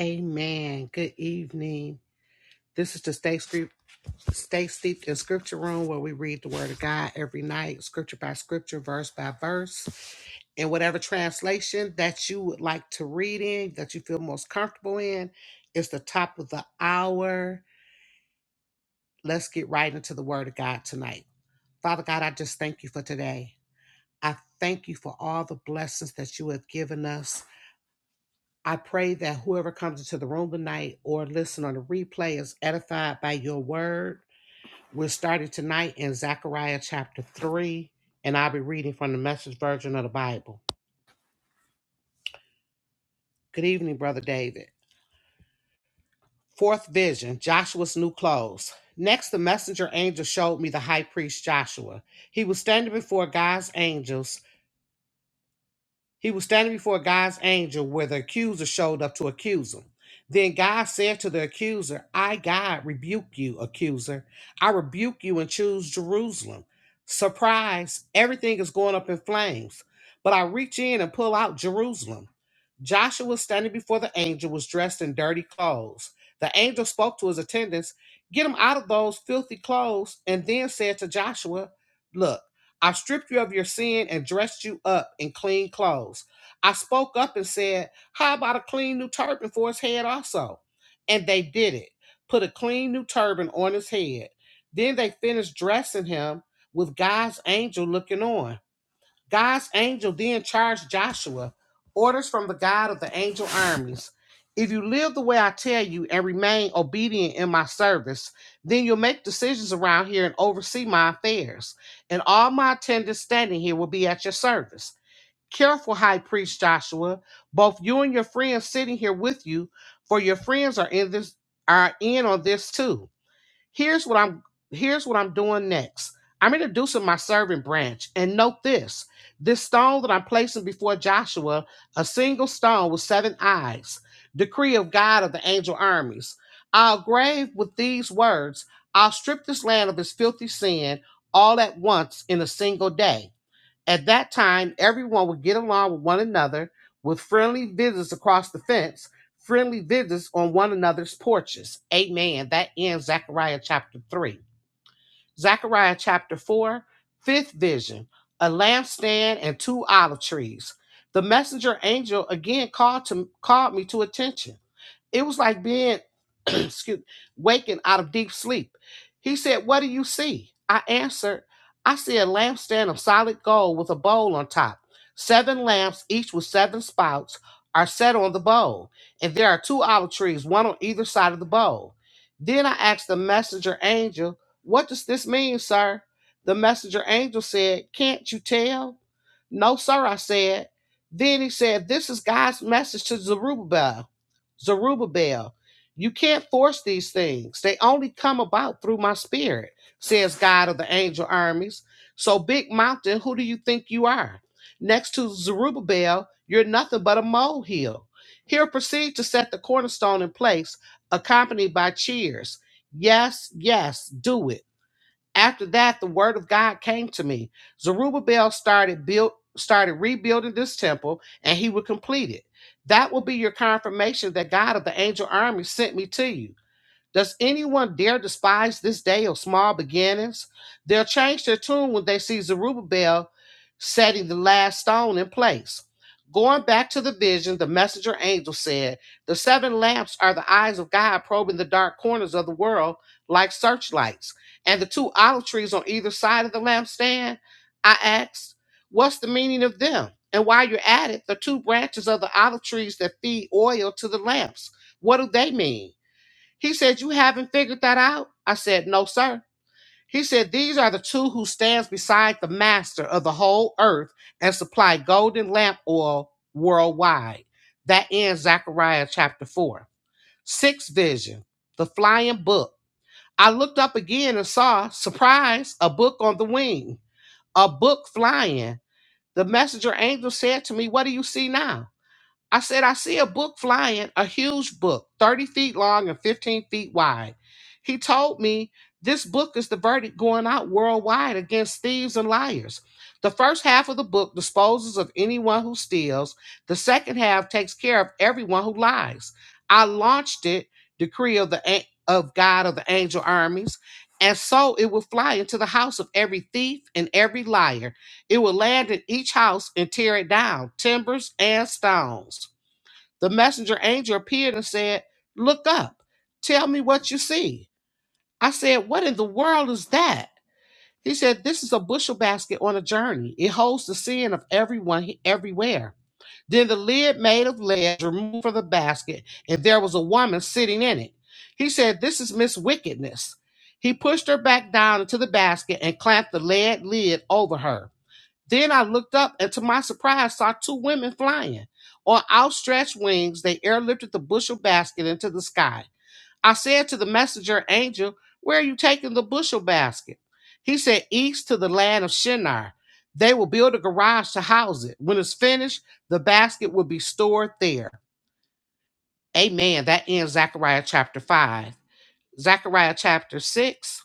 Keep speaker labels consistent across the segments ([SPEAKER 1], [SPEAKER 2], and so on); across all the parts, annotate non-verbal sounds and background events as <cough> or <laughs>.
[SPEAKER 1] Amen. Good evening. This is the Stay, Scrip- Stay Steeped in Scripture Room where we read the Word of God every night, scripture by scripture, verse by verse, in whatever translation that you would like to read in, that you feel most comfortable in. It's the top of the hour. Let's get right into the Word of God tonight. Father God, I just thank you for today. I thank you for all the blessings that you have given us. I pray that whoever comes into the room tonight or listen on the replay is edified by your word. We're starting tonight in Zechariah chapter 3, and I'll be reading from the message version of the Bible. Good evening, Brother David. Fourth vision Joshua's new clothes. Next, the messenger angel showed me the high priest Joshua. He was standing before God's angels He was standing before God's angel where the accuser showed up to accuse him. Then God said to the accuser, I, God, rebuke you, accuser. I rebuke you and choose Jerusalem. Surprise, everything is going up in flames. But I reach in and pull out Jerusalem. Joshua standing before the angel was dressed in dirty clothes. The angel spoke to his attendants, Get him out of those filthy clothes, and then said to Joshua, Look, I stripped you of your sin and dressed you up in clean clothes. I spoke up and said, How about a clean new turban for his head also? And they did it, put a clean new turban on his head. Then they finished dressing him with God's angel looking on. God's angel then charged Joshua, orders from the God of the angel armies. If you live the way I tell you and remain obedient in my service, then you'll make decisions around here and oversee my affairs. And all my attendants standing here will be at your service. Careful, high priest Joshua, both you and your friends sitting here with you, for your friends are in this are in on this too. Here's what I'm here's what I'm doing next. I'm introducing my servant branch. And note this this stone that I'm placing before Joshua, a single stone with seven eyes, decree of God of the angel armies. I'll grave with these words, I'll strip this land of its filthy sin all at once in a single day. At that time, everyone would get along with one another with friendly visits across the fence, friendly visits on one another's porches. Amen. That ends Zechariah chapter 3. Zechariah chapter 4, fifth vision, a lampstand and two olive trees. The messenger angel again called to called me to attention. It was like being <clears throat> excuse waking out of deep sleep. He said, What do you see? I answered, I see a lampstand of solid gold with a bowl on top. Seven lamps, each with seven spouts, are set on the bowl, and there are two olive trees, one on either side of the bowl. Then I asked the messenger angel what does this mean, sir? The messenger angel said, Can't you tell? No, sir, I said. Then he said, This is God's message to Zerubbabel. Zerubbabel, you can't force these things. They only come about through my spirit, says God of the angel armies. So, Big Mountain, who do you think you are? Next to Zerubbabel, you're nothing but a molehill. Here proceed to set the cornerstone in place, accompanied by cheers. Yes, yes, do it. After that, the word of God came to me. Zerubbabel started built started rebuilding this temple, and he would complete it. That will be your confirmation that God of the angel army sent me to you. Does anyone dare despise this day of small beginnings? They'll change their tune when they see Zerubbabel setting the last stone in place. Going back to the vision, the messenger angel said, The seven lamps are the eyes of God probing the dark corners of the world like searchlights. And the two olive trees on either side of the lampstand? I asked, What's the meaning of them? And while you're at it, the two branches of the olive trees that feed oil to the lamps, what do they mean? He said, You haven't figured that out? I said, No, sir. He said, These are the two who stands beside the master of the whole earth and supply golden lamp oil worldwide. That ends Zechariah chapter 4. Sixth vision, the flying book. I looked up again and saw, surprise, a book on the wing, a book flying. The messenger angel said to me, What do you see now? I said, I see a book flying, a huge book, 30 feet long and 15 feet wide. He told me this book is the verdict going out worldwide against thieves and liars. The first half of the book disposes of anyone who steals, the second half takes care of everyone who lies. I launched it, decree of the an- of God of the angel armies, and so it will fly into the house of every thief and every liar. It will land in each house and tear it down, timbers and stones. The messenger angel appeared and said, Look up. Tell me what you see. I said, What in the world is that? He said, This is a bushel basket on a journey. It holds the sin of everyone everywhere. Then the lid made of lead was removed from the basket, and there was a woman sitting in it. He said, This is Miss Wickedness. He pushed her back down into the basket and clamped the lead lid over her. Then I looked up and to my surprise saw two women flying. On outstretched wings, they airlifted the bushel basket into the sky. I said to the messenger angel, Where are you taking the bushel basket? He said, East to the land of Shinar. They will build a garage to house it. When it's finished, the basket will be stored there. Amen. That ends Zechariah chapter 5. Zechariah chapter 6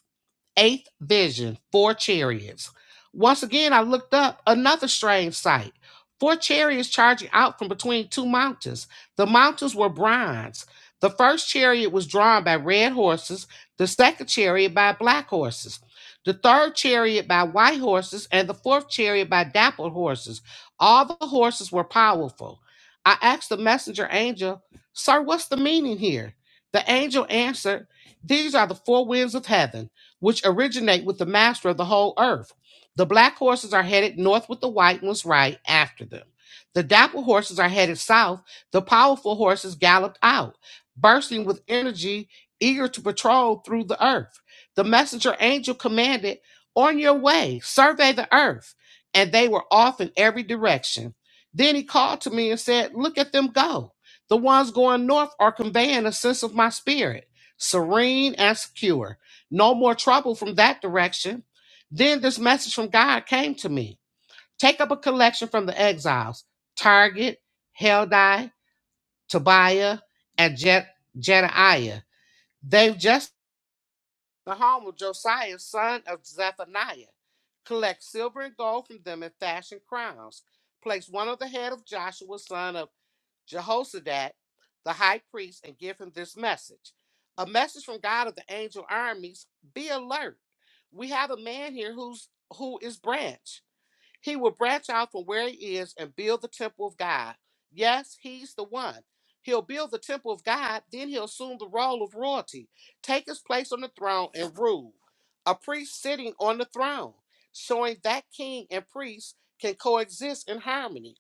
[SPEAKER 1] eighth vision, four chariots. Once again, I looked up another strange sight. Four chariots charging out from between two mountains. The mountains were bronze. The first chariot was drawn by red horses, the second chariot by black horses, the third chariot by white horses, and the fourth chariot by dappled horses. All the horses were powerful. I asked the messenger angel, Sir, what's the meaning here? The angel answered, These are the four winds of heaven which originate with the master of the whole earth. The black horses are headed north with the white ones right after them. The dapple horses are headed south. The powerful horses galloped out, bursting with energy, eager to patrol through the earth. The messenger angel commanded, On your way, survey the earth. And they were off in every direction. Then he called to me and said, Look at them go. The ones going north are conveying a sense of my spirit, serene and secure no more trouble from that direction. Then this message from God came to me take up a collection from the exiles Target, Heldai, Tobiah, and Je- Jedaiah. They've just the home of Josiah, son of Zephaniah. Collect silver and gold from them and fashion crowns. Place one on the head of Joshua, son of Jehozadak, the high priest, and give him this message. A message from God of the angel armies. Be alert. We have a man here who's who is branch. He will branch out from where he is and build the temple of God. Yes, he's the one. He'll build the temple of God, then he'll assume the role of royalty, take his place on the throne and rule. A priest sitting on the throne, showing that king and priest can coexist in harmony.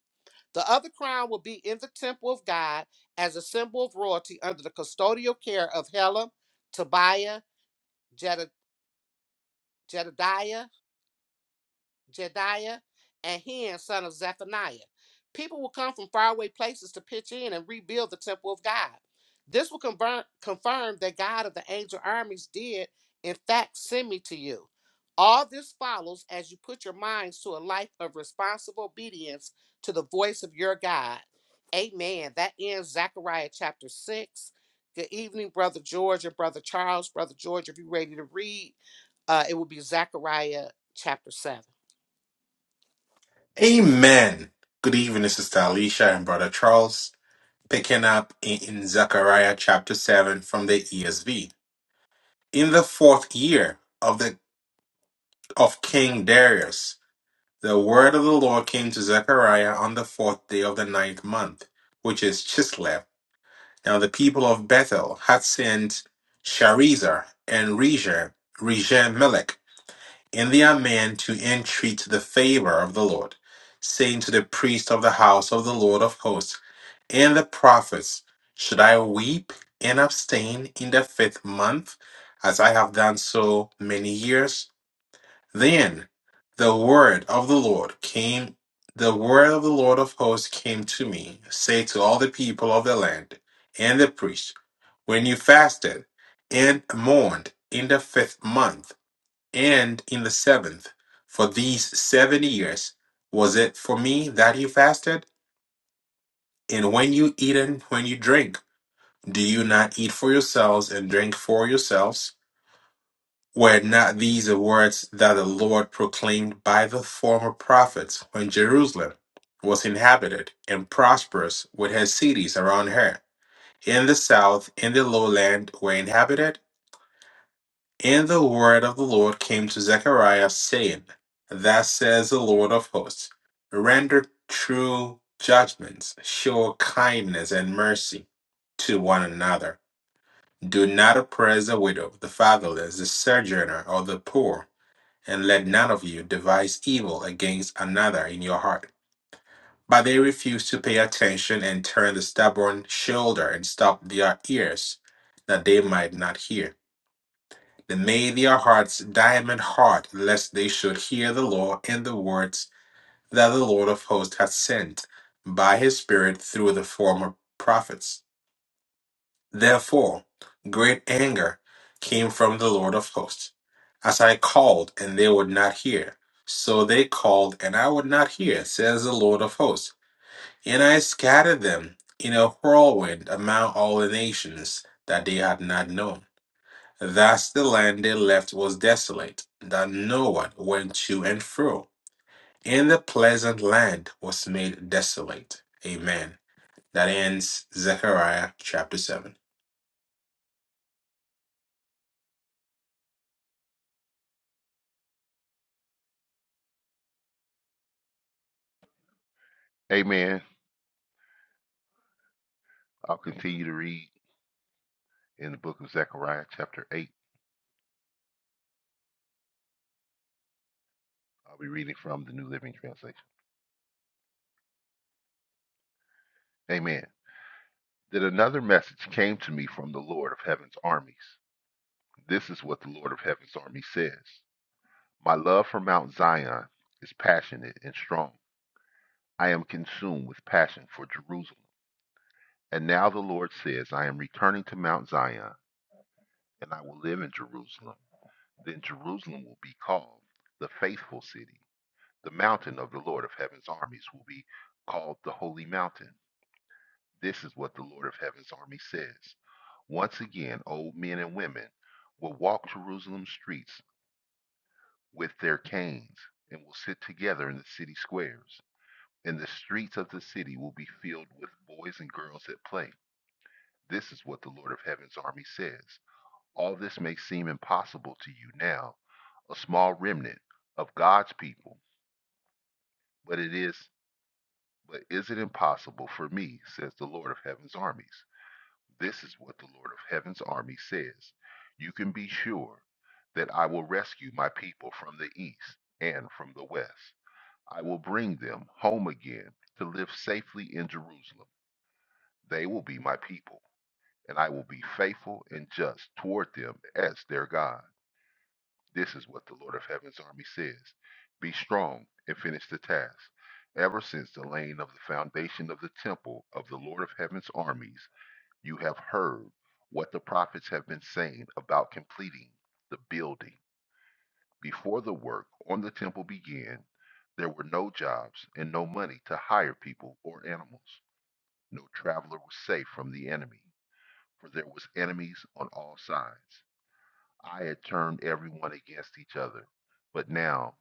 [SPEAKER 1] The other crown will be in the temple of God as a symbol of royalty under the custodial care of Helam, Tobiah, Jedi- Jedediah, Jediah, and Hen, son of Zephaniah. People will come from faraway places to pitch in and rebuild the temple of God. This will confirm, confirm that God of the angel armies did, in fact, send me to you. All this follows as you put your minds to a life of responsible obedience to the voice of your God. Amen. That ends Zechariah chapter 6. Good evening, Brother George and Brother Charles. Brother George, if you're ready to read, uh, it will be Zechariah chapter 7.
[SPEAKER 2] Amen. Good evening, Sister Alicia and Brother Charles. Picking up in, in Zechariah chapter 7 from the ESV. In the fourth year of the of King Darius, the word of the Lord came to Zechariah on the fourth day of the ninth month, which is Chislev. Now the people of Bethel had sent Sharezer and Rezer, Rezer And they are men to entreat the favor of the Lord, saying to the priest of the house of the Lord of hosts and the prophets, Should I weep and abstain in the fifth month, as I have done so many years? Then the word of the Lord came, the word of the Lord of hosts came to me, say to all the people of the land and the priests, When you fasted and mourned in the fifth month, and in the seventh. For these seven years was it for me that you fasted? And when you eat and when you drink, do you not eat for yourselves and drink for yourselves? Were not these the words that the Lord proclaimed by the former prophets when Jerusalem was inhabited and prosperous with her cities around her? In the south, in the lowland were inhabited And the word of the Lord came to Zechariah, saying, Thus says the Lord of hosts, render true judgments, show kindness and mercy to one another. Do not oppress the widow, the fatherless, the sojourner, or the poor, and let none of you devise evil against another in your heart. But they refused to pay attention and turned the stubborn shoulder and stopped their ears, that they might not hear. Then may their hearts diamond hard, lest they should hear the law and the words that the Lord of hosts hath sent by his Spirit through the former prophets. Therefore, great anger came from the Lord of hosts. As I called, and they would not hear. So they called, and I would not hear, says the Lord of hosts. And I scattered them in a whirlwind among all the nations that they had not known. Thus the land they left was desolate, that no one went to and fro. And the pleasant land was made desolate. Amen. That ends Zechariah chapter 7.
[SPEAKER 3] Amen. I'll continue to read in the book of Zechariah, chapter 8. I'll be reading from the New Living Translation. Amen. Then another message came to me from the Lord of Heaven's armies. This is what the Lord of Heaven's armies says My love for Mount Zion is passionate and strong. I am consumed with passion for Jerusalem. And now the Lord says, I am returning to Mount Zion, and I will live in Jerusalem. Then Jerusalem will be called the faithful city The mountain of the Lord of heaven's armies will be called the Holy Mountain. This is what the Lord of heaven's army says. Once again, old men and women will walk Jerusalem's streets with their canes and will sit together in the city squares. And the streets of the city will be filled with boys and girls at play. This is what the Lord of heaven's army says. All this may seem impossible to you now, a small remnant of God's people, but it is But is it impossible for me, says the Lord of Heaven's armies? This is what the Lord of Heaven's army says. You can be sure that I will rescue my people from the east and from the west. I will bring them home again to live safely in Jerusalem. They will be my people, and I will be faithful and just toward them as their God. This is what the Lord of Heaven's army says Be strong and finish the task. Ever since the laying of the foundation of the temple of the Lord of Heaven's armies, you have heard what the prophets have been saying about completing the building. Before the work on the temple began, there were no jobs and no money to hire people or animals. No traveler was safe from the enemy, for there was enemies on all sides. I had turned everyone against each other. But now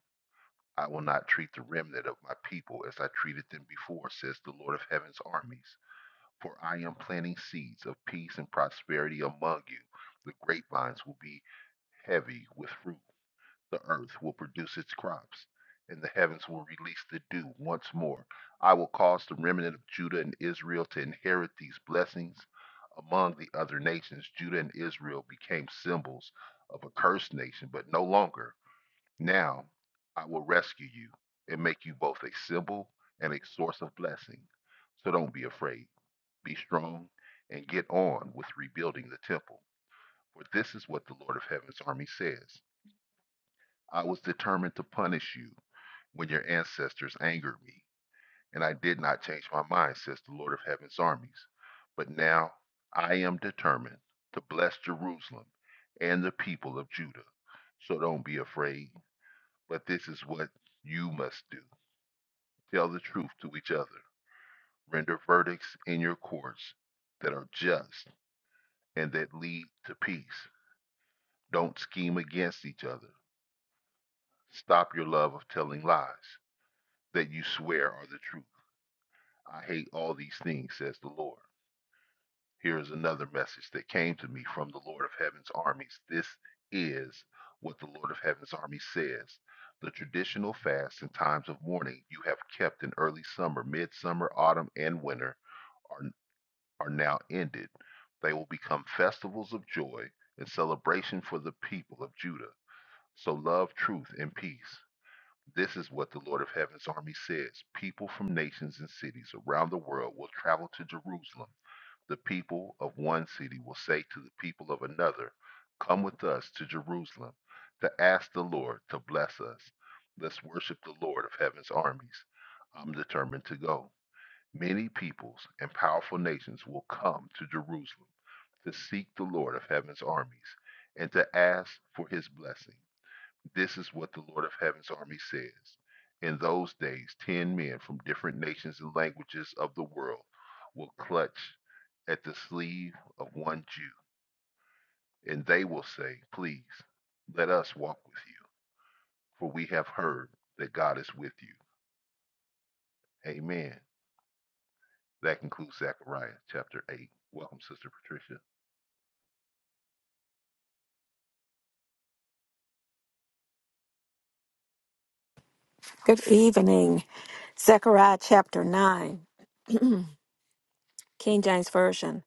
[SPEAKER 3] I will not treat the remnant of my people as I treated them before, says the Lord of heaven's armies. For I am planting seeds of peace and prosperity among you. The grapevines will be heavy with fruit. The earth will produce its crops, and the heavens will release the dew once more. I will cause the remnant of Judah and Israel to inherit these blessings. Among the other nations, Judah and Israel became symbols of a cursed nation, but no longer. Now I will rescue you and make you both a symbol and a source of blessing. So don't be afraid. Be strong and get on with rebuilding the temple. For this is what the Lord of Heaven's army says I was determined to punish you when your ancestors angered me, and I did not change my mind, says the Lord of Heaven's armies. But now I am determined to bless Jerusalem and the people of Judah. So don't be afraid, but this is what you must do. Tell the truth to each other. Render verdicts in your courts that are just and that lead to peace. Don't scheme against each other. Stop your love of telling lies that you swear are the truth. I hate all these things, says the Lord. Here is another message that came to me from the Lord of Heaven's armies. This is what the Lord of Heaven's Army says. The traditional fasts and times of mourning you have kept in early summer, midsummer, autumn, and winter are. are now ended. They will become festivals of joy and celebration for the people of Judah. So love, truth, and peace. This is what the Lord of Heaven's army says. People from nations and cities around the world will travel to Jerusalem. The people of one city will say to the people of another, Come with us to Jerusalem to ask the Lord to bless us. Let's worship the Lord of Heaven's armies. I'm determined to go. Many peoples and powerful nations will come to Jerusalem to seek the Lord of heaven's armies and to ask for his blessing. This is what the Lord of heaven's army says. In those days, ten men from different nations and languages of the world will clutch at the sleeve of one Jew, and they will say, Please, let us walk with you, for we have heard that God is with you. Amen. That concludes Zechariah chapter 8. Welcome, Sister Patricia.
[SPEAKER 4] Good evening. Zechariah chapter 9, King James Version.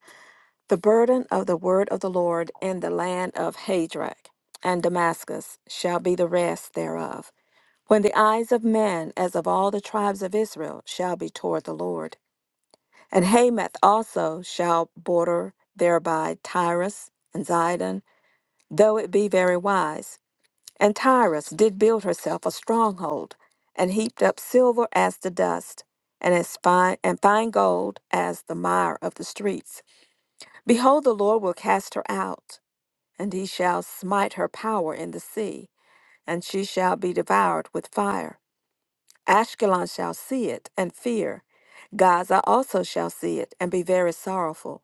[SPEAKER 4] The burden of the word of the Lord in the land of Hadrach and Damascus shall be the rest thereof. When the eyes of men, as of all the tribes of Israel, shall be toward the Lord. And Hamath also shall border thereby Tyrus and Zidon, though it be very wise. And Tyrus did build herself a stronghold, and heaped up silver as the dust, and as fine and fine gold as the mire of the streets. Behold, the Lord will cast her out, and he shall smite her power in the sea, and she shall be devoured with fire. Ashkelon shall see it and fear. Gaza also shall see it and be very sorrowful.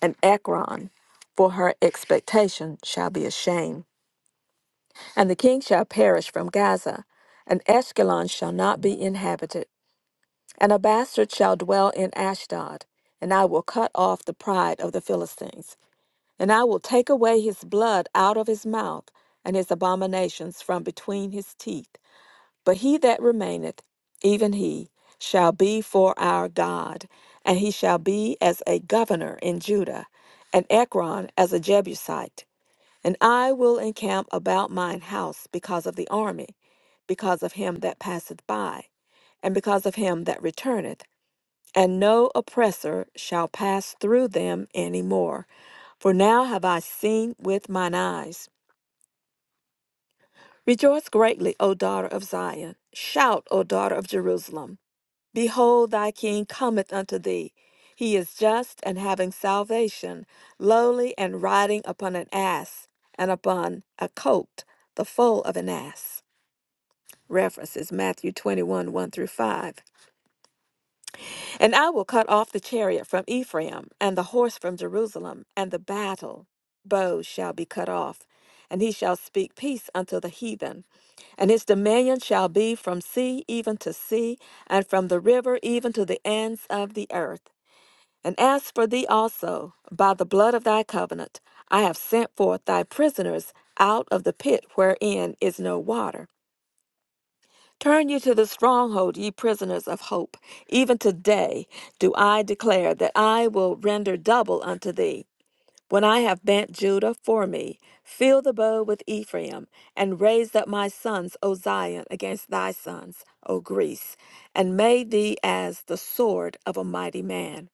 [SPEAKER 4] And Ekron, for her expectation, shall be ashamed. And the king shall perish from Gaza, and Ashkelon shall not be inhabited, and a bastard shall dwell in Ashdod. And I will cut off the pride of the Philistines, and I will take away his blood out of his mouth, and his abominations from between his teeth. But he that remaineth, even he, shall be for our God, and he shall be as a governor in Judah, and Ekron as a Jebusite. And I will encamp about mine house because of the army, because of him that passeth by, and because of him that returneth, and no oppressor shall pass through them any more. For now have I seen with mine eyes. Rejoice greatly, O daughter of Zion. Shout, O daughter of Jerusalem. Behold, thy king cometh unto thee. He is just and having salvation, lowly and riding upon an ass and upon a colt, the foal of an ass. References Matthew 21 1 through 5. And I will cut off the chariot from Ephraim, and the horse from Jerusalem, and the battle bow shall be cut off, and he shall speak peace unto the heathen. And his dominion shall be from sea even to sea, and from the river even to the ends of the earth. And as for thee also, by the blood of thy covenant, I have sent forth thy prisoners out of the pit wherein is no water. Turn you to the stronghold, ye prisoners of hope. Even today do I declare that I will render double unto thee. When I have bent Judah for me, fill the bow with Ephraim, and raised up my sons, O Zion, against thy sons, O Greece, and made thee as the sword of a mighty man.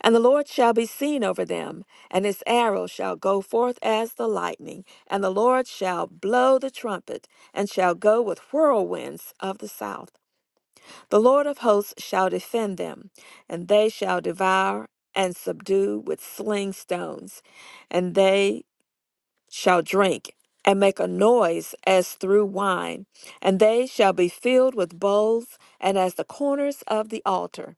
[SPEAKER 4] And the Lord shall be seen over them, and his arrow shall go forth as the lightning, and the Lord shall blow the trumpet, and shall go with whirlwinds of the south. The Lord of hosts shall defend them, and they shall devour and subdue with sling stones, and they shall drink. And make a noise as through wine, and they shall be filled with bowls, and as the corners of the altar.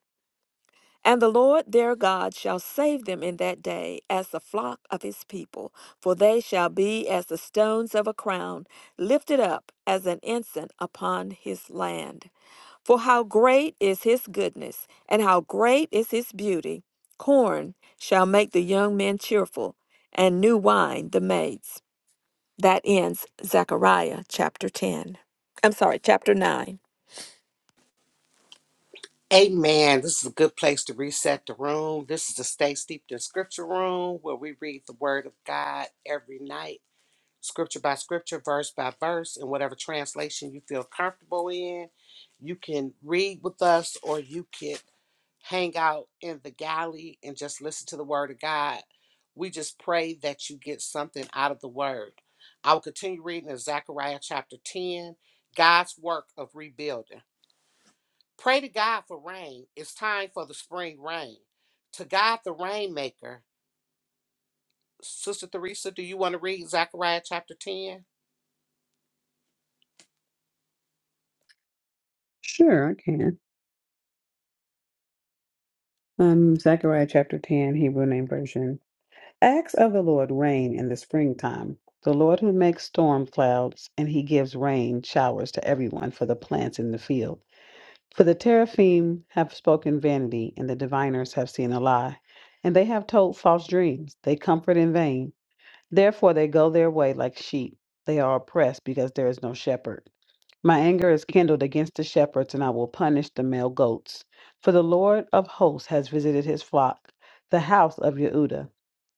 [SPEAKER 4] And the Lord their God shall save them in that day as the flock of his people, for they shall be as the stones of a crown, lifted up as an ensign upon his land. For how great is his goodness, and how great is his beauty! Corn shall make the young men cheerful, and new wine the maids. That ends Zechariah chapter 10. I'm sorry, chapter 9.
[SPEAKER 1] Amen. This is a good place to reset the room. This is the Stay Steeped in Scripture room where we read the Word of God every night, scripture by scripture, verse by verse, in whatever translation you feel comfortable in. You can read with us or you can hang out in the galley and just listen to the Word of God. We just pray that you get something out of the Word. I will continue reading in Zechariah chapter 10, God's work of rebuilding. Pray to God for rain. It's time for the spring rain. To God, the rainmaker. Sister Theresa, do you want to read Zechariah chapter 10?
[SPEAKER 5] Sure, I can. Um, Zechariah chapter 10, Hebrew name version. Acts of the Lord rain in the springtime. The Lord who makes storm clouds, and he gives rain showers to everyone for the plants in the field. For the teraphim have spoken vanity, and the diviners have seen a lie. And they have told false dreams. They comfort in vain. Therefore, they go their way like sheep. They are oppressed because there is no shepherd. My anger is kindled against the shepherds, and I will punish the male goats. For the Lord of hosts has visited his flock, the house of Yehuda,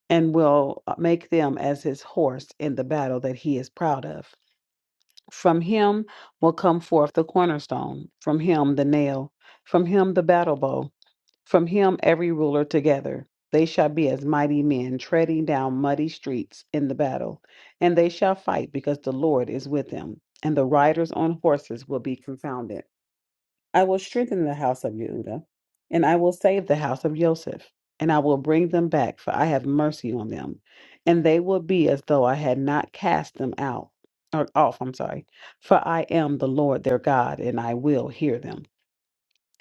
[SPEAKER 5] and will uh, make them as his horse in the battle that he is proud of. From him will come forth the cornerstone, from him the nail, from him the battle bow, from him every ruler together. They shall be as mighty men treading down muddy streets in the battle, and they shall fight because the Lord is with them, and the riders on horses will be confounded. I will strengthen the house of Yehuda, and I will save the house of Joseph, and I will bring them back, for I have mercy on them, and they will be as though I had not cast them out or off. I'm sorry, for I am the Lord their God, and I will hear them.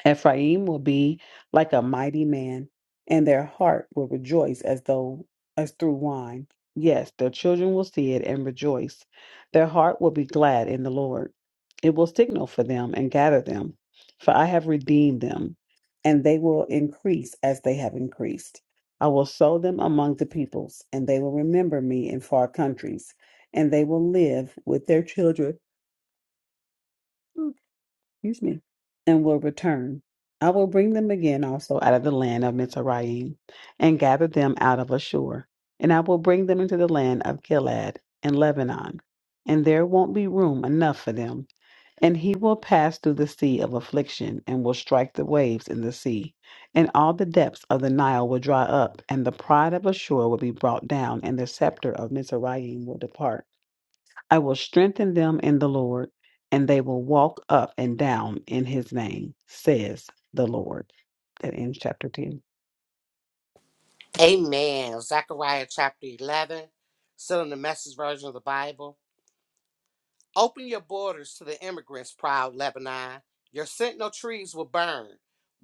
[SPEAKER 5] Ephraim will be like a mighty man, and their heart will rejoice as though as through wine. Yes, their children will see it and rejoice. Their heart will be glad in the Lord. It will signal for them and gather them, for I have redeemed them, and they will increase as they have increased. I will sow them among the peoples, and they will remember me in far countries, and they will live with their children excuse me, and will return. I will bring them again also out of the land of Mizraim, and gather them out of Ashur, and I will bring them into the land of Gilead and Lebanon, and there won't be room enough for them. And he will pass through the sea of affliction, and will strike the waves in the sea, and all the depths of the Nile will dry up, and the pride of Ashur will be brought down, and the scepter of Mizraim will depart. I will strengthen them in the Lord, and they will walk up and down in his name, says the Lord. That ends chapter 10.
[SPEAKER 1] Amen. Zechariah chapter 11, still in the message version of the Bible. Open your borders to the immigrants, proud Lebanon. Your sentinel trees will burn.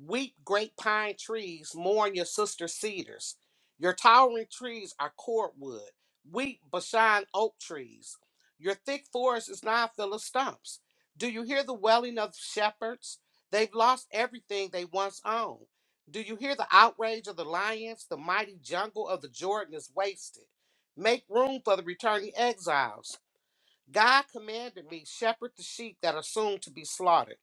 [SPEAKER 1] Weep, great pine trees, mourn your sister cedars. Your towering trees are cordwood. Weep, Bashan oak trees. Your thick forest is now full of stumps. Do you hear the wailing of shepherds? They've lost everything they once owned. Do you hear the outrage of the lions? The mighty jungle of the Jordan is wasted. Make room for the returning exiles. God commanded me, shepherd the sheep that are soon to be slaughtered.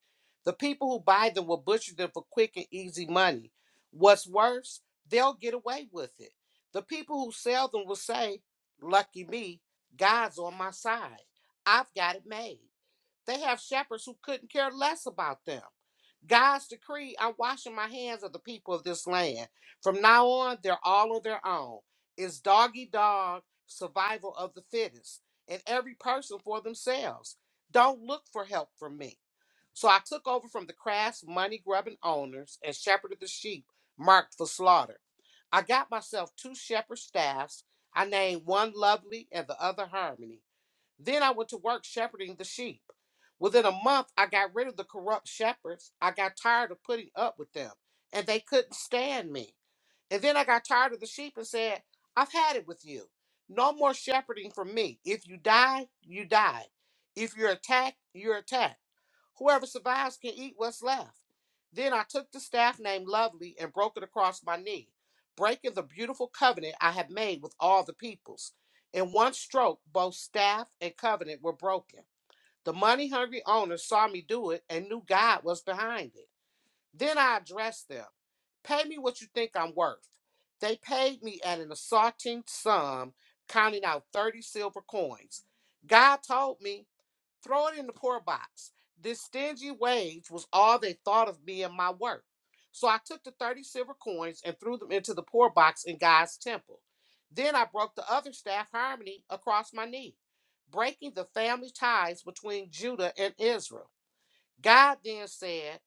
[SPEAKER 1] The people who buy them will butcher them for quick and easy money. What's worse, they'll get away with it. The people who sell them will say, Lucky me, God's on my side. I've got it made. They have shepherds who couldn't care less about them. God's decree I'm washing my hands of the people of this land. From now on, they're all on their own. It's doggy dog survival of the fittest, and every person for themselves. Don't look for help from me. So I took over from the crass, money grubbing owners and shepherded the sheep marked for slaughter. I got myself two shepherd staffs. I named one Lovely and the other Harmony. Then I went to work shepherding the sheep. Within a month, I got rid of the corrupt shepherds. I got tired of putting up with them, and they couldn't stand me. And then I got tired of the sheep and said, I've had it with you. No more shepherding for me. If you die, you die. If you're attacked, you're attacked. Whoever survives can eat what's left. Then I took the staff named Lovely and broke it across my knee, breaking the beautiful covenant I had made with all the peoples. In one stroke, both staff and covenant were broken. The money hungry owners saw me do it and knew God was behind it. Then I addressed them Pay me what you think I'm worth. They paid me at an assaulting sum, counting out 30 silver coins. God told me Throw it in the poor box. This stingy wage was all they thought of me and my work. So I took the 30 silver coins and threw them into the poor box in God's temple. Then I broke the other staff harmony across my knee, breaking the family ties between Judah and Israel. God then said,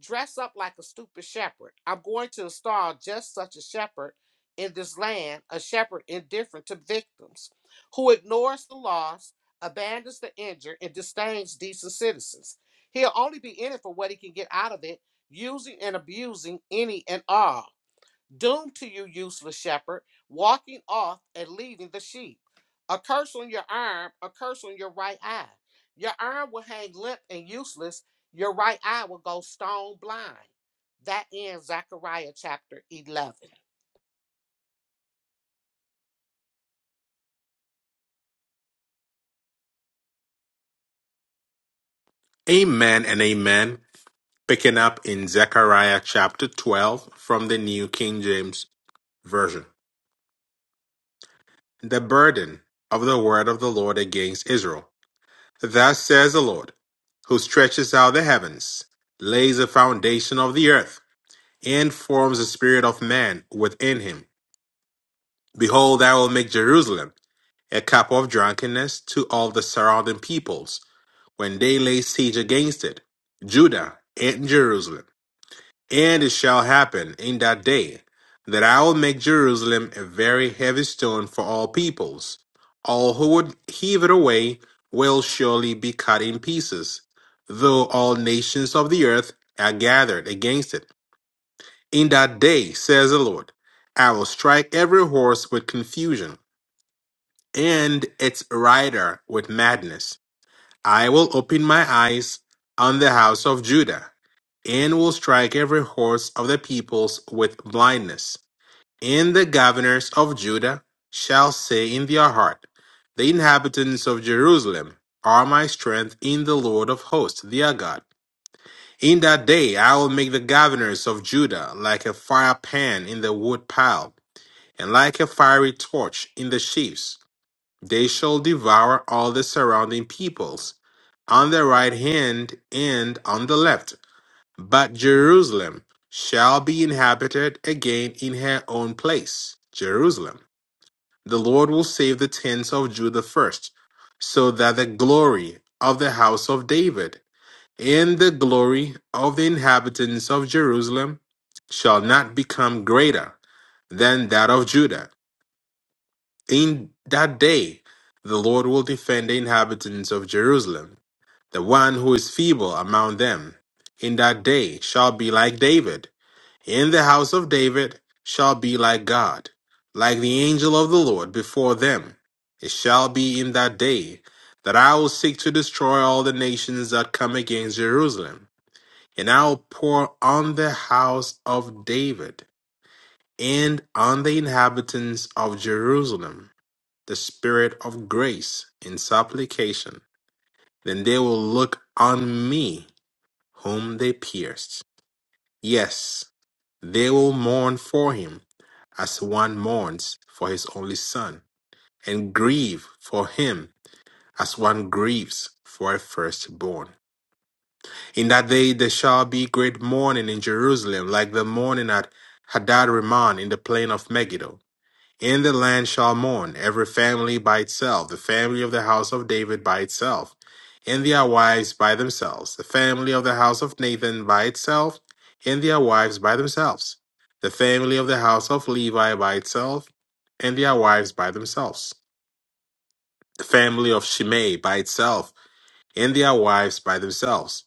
[SPEAKER 1] dress up like a stupid shepherd. I'm going to install just such a shepherd in this land, a shepherd indifferent to victims, who ignores the lost, abandons the injured, and disdains decent citizens. He'll only be in it for what he can get out of it, using and abusing any and all. Doomed to you, useless shepherd, walking off and leading the sheep. A curse on your arm, a curse on your right eye. Your arm will hang limp and useless, your right eye will go stone blind. That ends Zechariah chapter 11.
[SPEAKER 2] Amen and amen. Picking up in Zechariah chapter 12 from the New King James Version. The burden of the word of the Lord against Israel. Thus says the Lord, who stretches out the heavens, lays the foundation of the earth and forms the spirit of man within him. Behold, I will make Jerusalem a cup of drunkenness to all the surrounding peoples when they lay siege against it, Judah and Jerusalem. And it shall happen in that day that I will make Jerusalem a very heavy stone for all peoples. All who would heave it away will surely be cut in pieces, though all nations of the earth are gathered against it. In that day, says the Lord, I will strike every horse with confusion, and its rider with madness. I will open my eyes on the house of Judah, and will strike every horse of the peoples with blindness. And the governors of Judah shall say in their heart, The inhabitants of Jerusalem are my strength in the Lord of hosts, their God. In that day I will make the governors of Judah like a fire pan in the wood pile, and like a fiery torch in the sheaves. They shall devour all the surrounding peoples, on the right hand and on the left. But Jerusalem shall be inhabited again in her own place, Jerusalem. The Lord will save the tents of Judah first, so that the glory of the house of David and the glory of the inhabitants of Jerusalem shall not become greater than that of Judah. In that day, the Lord will defend the inhabitants of Jerusalem. The one who is feeble among them in that day shall be like David. In the house of David shall be like God, like the angel of the Lord before them. It shall be in that day that I will seek to destroy all the nations that come against Jerusalem. And I will pour on the house of David and on the inhabitants of Jerusalem the spirit of grace and supplication. Then they will look on me, whom they pierced. Yes, they will mourn for him as one mourns for his only son, and grieve for him as one grieves for a firstborn. In that day there shall be great mourning in Jerusalem, like the mourning at Hadad Rimmon in the plain of Megiddo. In the land shall mourn, every family by itself, the family of the house of David by itself, and their wives by themselves, the family of the house of Nathan by itself, and their wives by themselves, the family of the house of Levi by itself, and their wives by themselves, the family of Shimei by itself, and their wives by themselves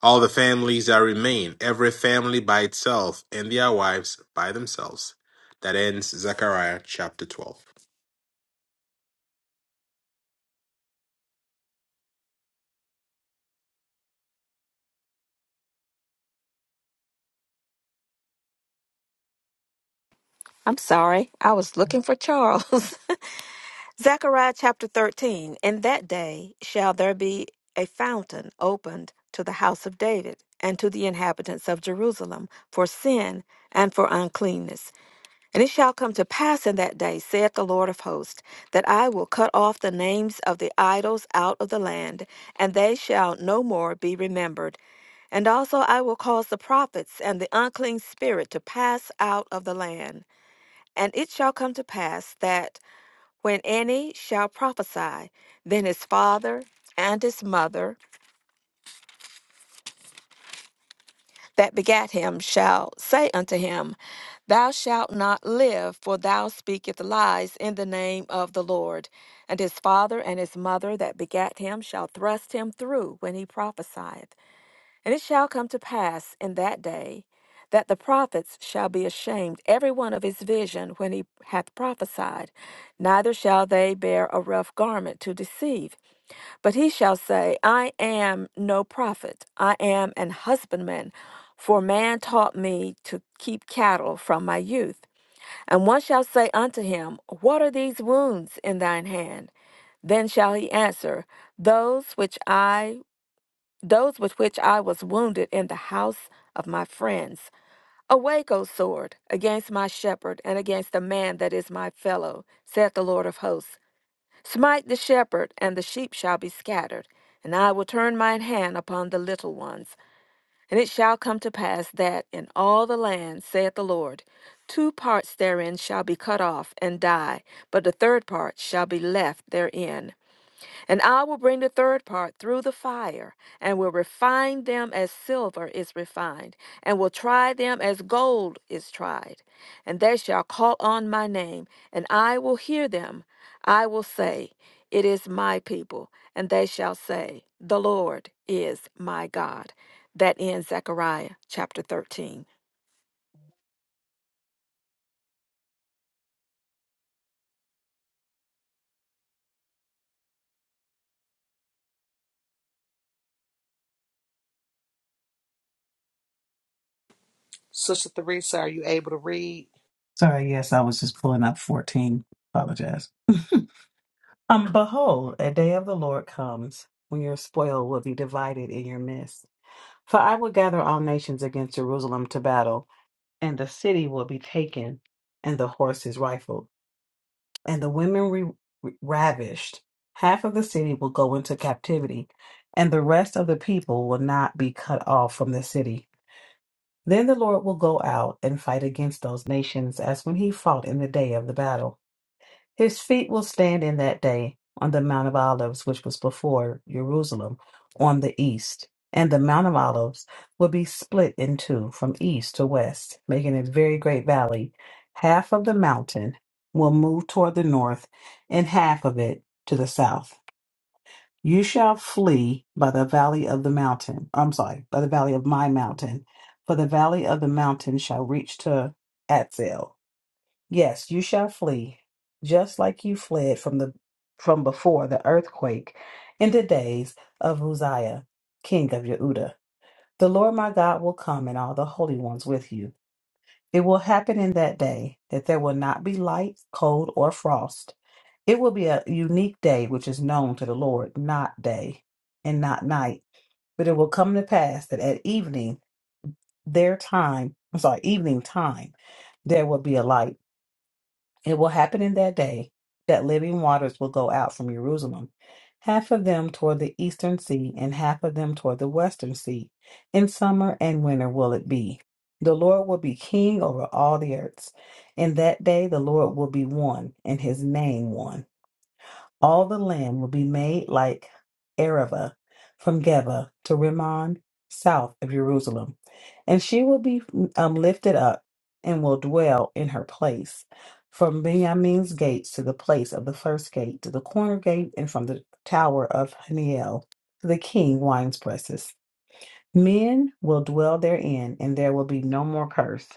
[SPEAKER 2] all the families that remain, every family by itself, and their wives by themselves. That ends Zechariah chapter 12.
[SPEAKER 4] I'm sorry, I was looking for Charles. <laughs> Zechariah chapter 13 In that day shall there be a fountain opened to the house of David and to the inhabitants of Jerusalem for sin and for uncleanness. And it shall come to pass in that day, saith the Lord of hosts, that I will cut off the names of the idols out of the land, and they shall no more be remembered. And also I will cause the prophets and the unclean spirit to pass out of the land. And it shall come to pass that when any shall prophesy, then his father and his mother that begat him shall say unto him, Thou shalt not live, for thou speakest lies in the name of the Lord. And his father and his mother that begat him shall thrust him through when he prophesieth. And it shall come to pass in that day that the prophets shall be ashamed, every one of his vision, when he hath prophesied. Neither shall they bear a rough garment to deceive. But he shall say, I am no prophet, I am an husbandman, for man taught me to keep cattle from my youth. And one shall say unto him, What are these wounds in thine hand? Then shall he answer, Those which I those with which I was wounded in the house of my friends. Awake, O sword, against my shepherd, and against the man that is my fellow, saith the Lord of hosts. Smite the shepherd, and the sheep shall be scattered. And I will turn mine hand upon the little ones. And it shall come to pass that in all the land, saith the Lord, two parts therein shall be cut off and die, but the third part shall be left therein. And I will bring the third part through the fire, and will refine them as silver is refined, and will try them as gold is tried. And they shall call on my name, and I will hear them. I will say, It is my people. And they shall say, The Lord is my God. That ends Zechariah chapter 13.
[SPEAKER 1] Sister Theresa, are you able to read?
[SPEAKER 5] Sorry, yes, I was just pulling up 14. Apologize. Um, behold, a day of the Lord comes when your spoil will be divided in your midst. For I will gather all nations against Jerusalem to battle, and the city will be taken, and the horses rifled. and the women re- re- ravished, half of the city will go into captivity, and the rest of the people will not be cut off from the city. Then the Lord will go out and fight against those nations as when he fought in the day of the battle. His feet will stand in that day on the Mount of Olives, which was before Jerusalem, on the east. And the Mount of Olives will be split in two from east to west, making a very great valley. Half of the mountain will move toward the north, and half of it to the south. You shall flee by the valley of the mountain. I'm sorry, by the valley of my mountain, for the valley of the mountain shall reach to Atzel Yes, you shall flee, just like you fled from the from before the earthquake in the days of Uzziah, king of Yehuda. The Lord my God will come and all the holy ones with you. It will happen in that day that there will not be light, cold, or frost. It will be a unique day which is known to the Lord, not day and not night. But it will come to pass that at evening, their time, I'm sorry, evening time, there will be a light It will happen in that day that living waters will go out from Jerusalem, half of them toward the eastern sea, and half of them toward the western sea. In summer and winter will it be. The Lord will be king over all the earths. In that day the Lord will be one, and his name one. All the land will be made like Arava from Geba to Rimmon, south of Jerusalem, and she will be um, lifted up and will dwell in her place. From Benjamin's gates to the place of the first gate, to the corner gate, and from the tower of Haniel to the king wine presses. Men will dwell therein, and there will be no more curse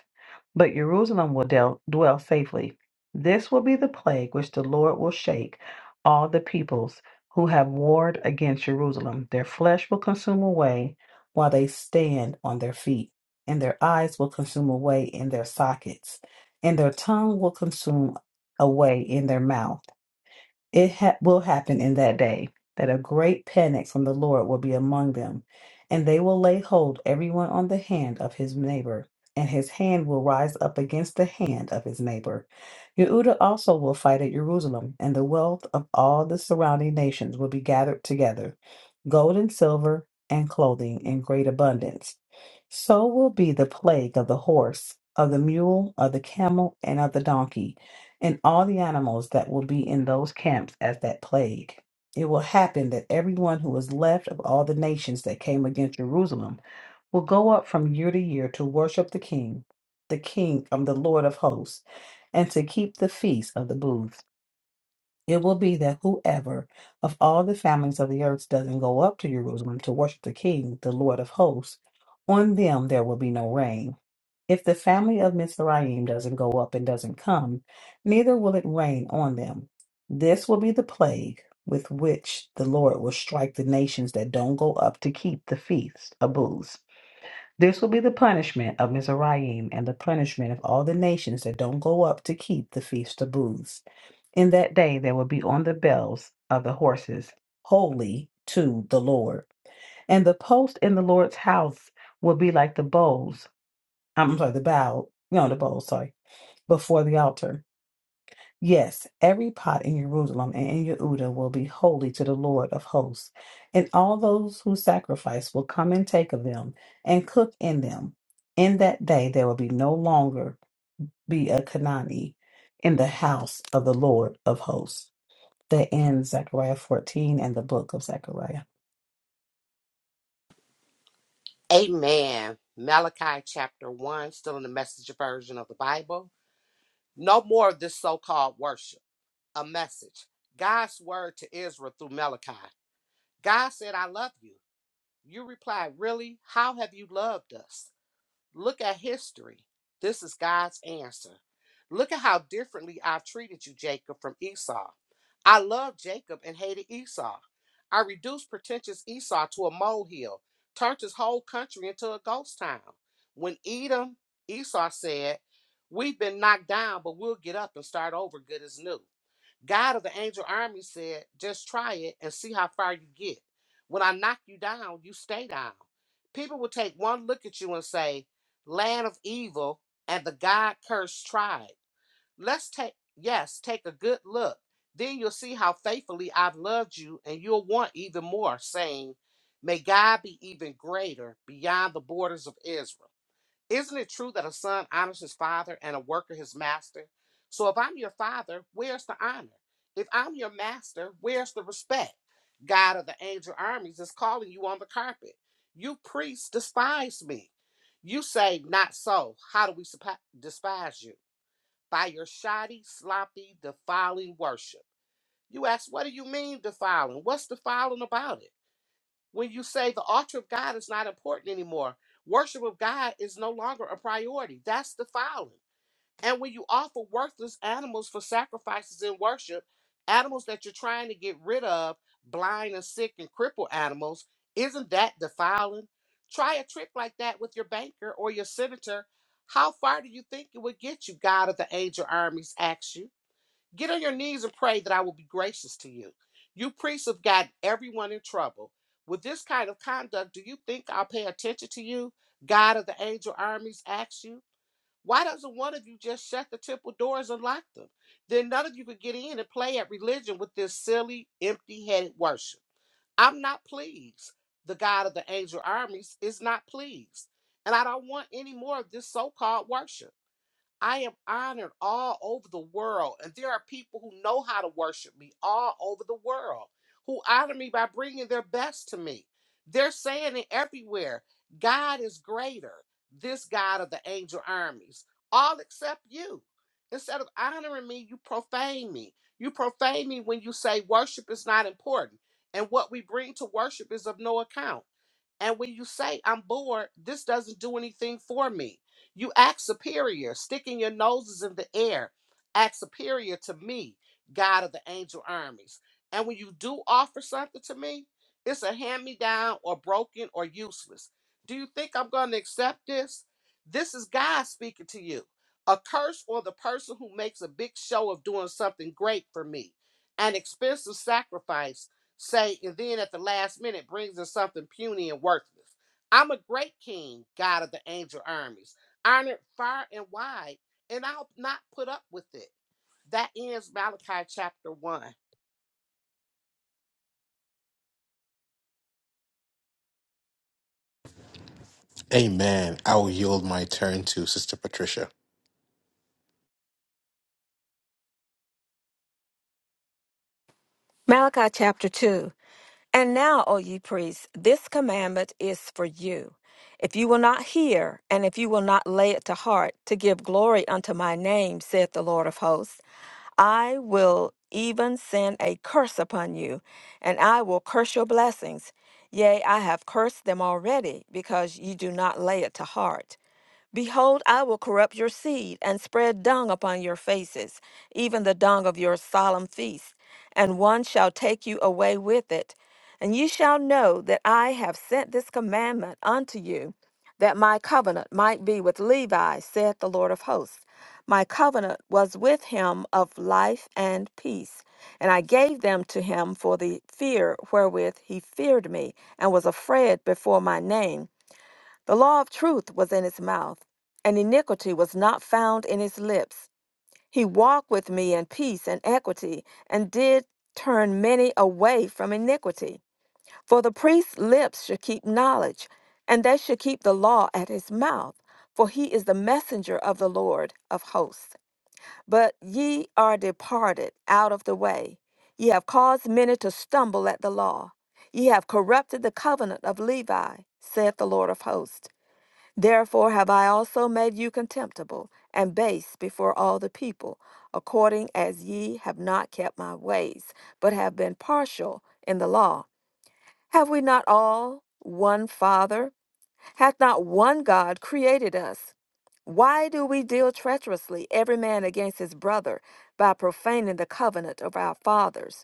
[SPEAKER 5] but Jerusalem will del- dwell safely. This will be the plague which the Lord will shake all the peoples who have warred against Jerusalem. Their flesh will consume away while they stand on their feet, and their eyes will consume away in their sockets, and their tongue will consume away in their mouth. It ha- will happen in that day that a great panic from the Lord will be among them, and they will lay hold everyone on the hand of his neighbor, and his hand will rise up against the hand of his neighbor. Yehuda also will fight at Jerusalem, and the wealth of all the surrounding nations will be gathered together, gold and silver and clothing in great abundance. So will be the plague of the horse, of the mule, of the camel, and of the donkey, and all the animals that will be in those camps at that plague. It will happen that everyone who is left of all the nations that came against Jerusalem will go up from year to year to worship the King, the King of the Lord of hosts, and to keep the feast of the booths. It will be that whoever of all the families of the earth doesn't go up to Jerusalem to worship the King, the Lord of hosts, on them there will be no rain. If the family of Mizraim doesn't go up and doesn't come, neither will it rain on them. This will be the plague with which the Lord will strike the nations that don't go up to keep the feast of booths. This will be the punishment of Mizraim and the punishment of all the nations that don't go up to keep the feast of booths. In that day there will be on the bells of the horses, holy to the Lord. And the post in the Lord's house will be like the bowls. I'm sorry, the bow, no, the bowls, sorry, before the altar. Yes, every pot in Jerusalem and in Yehuda will be holy to the Lord of hosts. And all those who sacrifice will come and take of them and cook in them. In that day there will be no longer be a Canaanite in the house of the Lord of hosts that ends Zechariah 14 and the book of Zechariah.
[SPEAKER 1] Amen. Malachi chapter 1, still in the message version of the Bible. No more of this so called worship. A message. God's word to Israel through Malachi. God said, I love you. You reply, Really? How have you loved us? Look at history. This is God's answer. Look at how differently I've treated you, Jacob, from Esau. I loved Jacob and hated Esau. I reduced pretentious Esau to a molehill, turned his whole country into a ghost town. When Edom, Esau said, We've been knocked down, but we'll get up and start over good as new. God of the angel army said, just try it and see how far you get. When I knock you down, you stay down. People will take one look at you and say, land of evil, and the God cursed tribe. Let's take, yes, take a good look. Then you'll see how faithfully I've loved you, and you'll want even more, saying, May God be even greater beyond the borders of Israel. Isn't it true that a son honors his father and a worker his master? So if I'm your father, where's the honor? If I'm your master, where's the respect? God of the angel armies is calling you on the carpet. You priests despise me. You say, Not so. How do we supp- despise you? By your shoddy, sloppy, defiling worship. You ask, What do you mean defiling? What's defiling about it? when you say the altar of God is not important anymore. Worship of God is no longer a priority. That's defiling. And when you offer worthless animals for sacrifices in worship, animals that you're trying to get rid of, blind and sick and crippled animals, isn't that defiling? Try a trick like that with your banker or your senator. How far do you think it would get you? God of the angel armies asks you. Get on your knees and pray that I will be gracious to you. You priests have got everyone in trouble. With this kind of conduct, do you think I'll pay attention to you? God of the angel armies asks you. Why doesn't one of you just shut the temple doors and lock them? Then none of you could get in and play at religion with this silly, empty headed worship. I'm not pleased. The God of the angel armies is not pleased. And I don't want any more of this so called worship. I am honored all over the world, and there are people who know how to worship me all over the world who honor me by bringing their best to me. They're saying it everywhere God is greater, this God of the angel armies, all except you. Instead of honoring me, you profane me. You profane me when you say worship is not important and what we bring to worship is of no account. And when you say, I'm bored, this doesn't do anything for me. You act superior, sticking your noses in the air, act superior to me, God of the angel armies. And when you do offer something to me, it's a hand me down or broken or useless. Do you think I'm going to accept this? This is God speaking to you. A curse on the person who makes a big show of doing something great for me, an expensive sacrifice say, and then at the last minute brings in something puny and worthless. I'm a great king, God of the angel armies, honored far and wide, and I'll not put up with it. That ends Malachi chapter 1.
[SPEAKER 2] Amen. I will yield my turn to Sister Patricia.
[SPEAKER 4] Malachi chapter 2. And now, O ye priests, this commandment is for you. If you will not hear, and if you will not lay it to heart, to give glory unto my name, saith the Lord of hosts, I will even send a curse upon you, and I will curse your blessings. Yea, I have cursed them already, because ye do not lay it to heart. Behold, I will corrupt your seed and spread dung upon your faces, even the dung of your solemn feast, and one shall take you away with it. And ye shall know that I have sent this commandment unto you, that my covenant might be with Levi, saith the Lord of hosts. My covenant was with him of life and peace, and I gave them to him for the fear wherewith he feared me, and was afraid before my name. The law of truth was in his mouth, and iniquity was not found in his lips. He walked with me in peace and equity, and did turn many away from iniquity. For the priest's lips should keep knowledge, and they should keep the law at his mouth, for he is the messenger of the Lord of hosts. But ye are departed out of the way. Ye have caused many to stumble at the law. Ye have corrupted the covenant of Levi, saith the Lord of hosts. Therefore have I also made you contemptible and base before all the people, according as ye have not kept my ways, but have been partial in the law. Have we not all one Father? Hath not one God created us? Why do we deal treacherously, every man against his brother, by profaning the covenant of our fathers?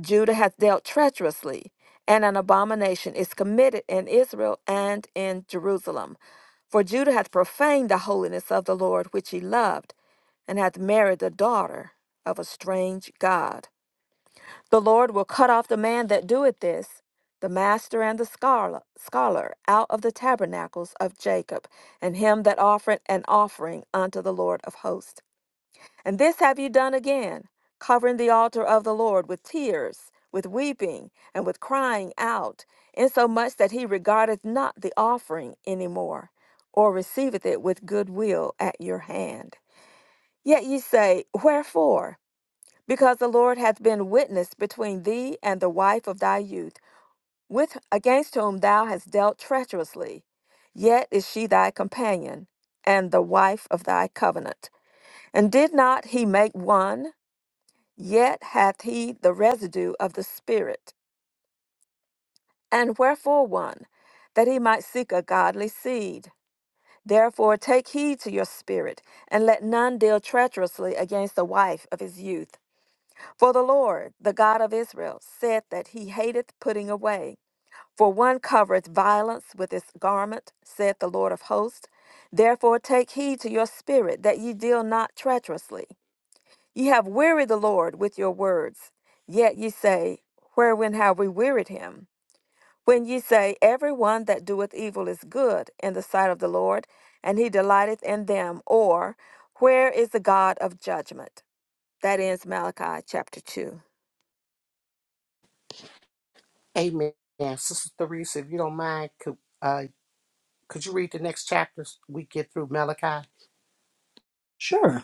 [SPEAKER 4] Judah hath dealt treacherously, and an abomination is committed in Israel and in Jerusalem. For Judah hath profaned the holiness of the Lord which he loved, and hath married the daughter of a strange God. The Lord will cut off the man that doeth this, the master and the scholar, scholar out of the tabernacles of Jacob, and him that offereth an offering unto the Lord of hosts. And this have you done again, covering the altar of the Lord with tears, with weeping, and with crying out, insomuch that he regardeth not the offering any more, or receiveth it with good will at your hand. Yet ye say, Wherefore? Because the Lord hath been witness between thee and the wife of thy youth, with against whom thou hast dealt treacherously. Yet is she thy companion, and the wife of thy covenant. And did not he make one? Yet hath he the residue of the Spirit. And wherefore one? That he might seek a godly seed. Therefore take heed to your spirit, and let none deal treacherously against the wife of his youth. For the Lord, the God of Israel, saith that he hateth putting away. For one covereth violence with his garment, saith the Lord of hosts. Therefore take heed to your spirit, that ye deal not treacherously. Ye have wearied the Lord with your words. Yet ye say, Wherein have we wearied him? When ye say, Every one that doeth evil is good in the sight of the Lord, and he delighteth in them, or Where is the God of judgment? That ends Malachi chapter 2.
[SPEAKER 1] Amen. Sister Theresa, if you don't mind, could, uh, could you read the next chapters we get through Malachi?
[SPEAKER 5] Sure.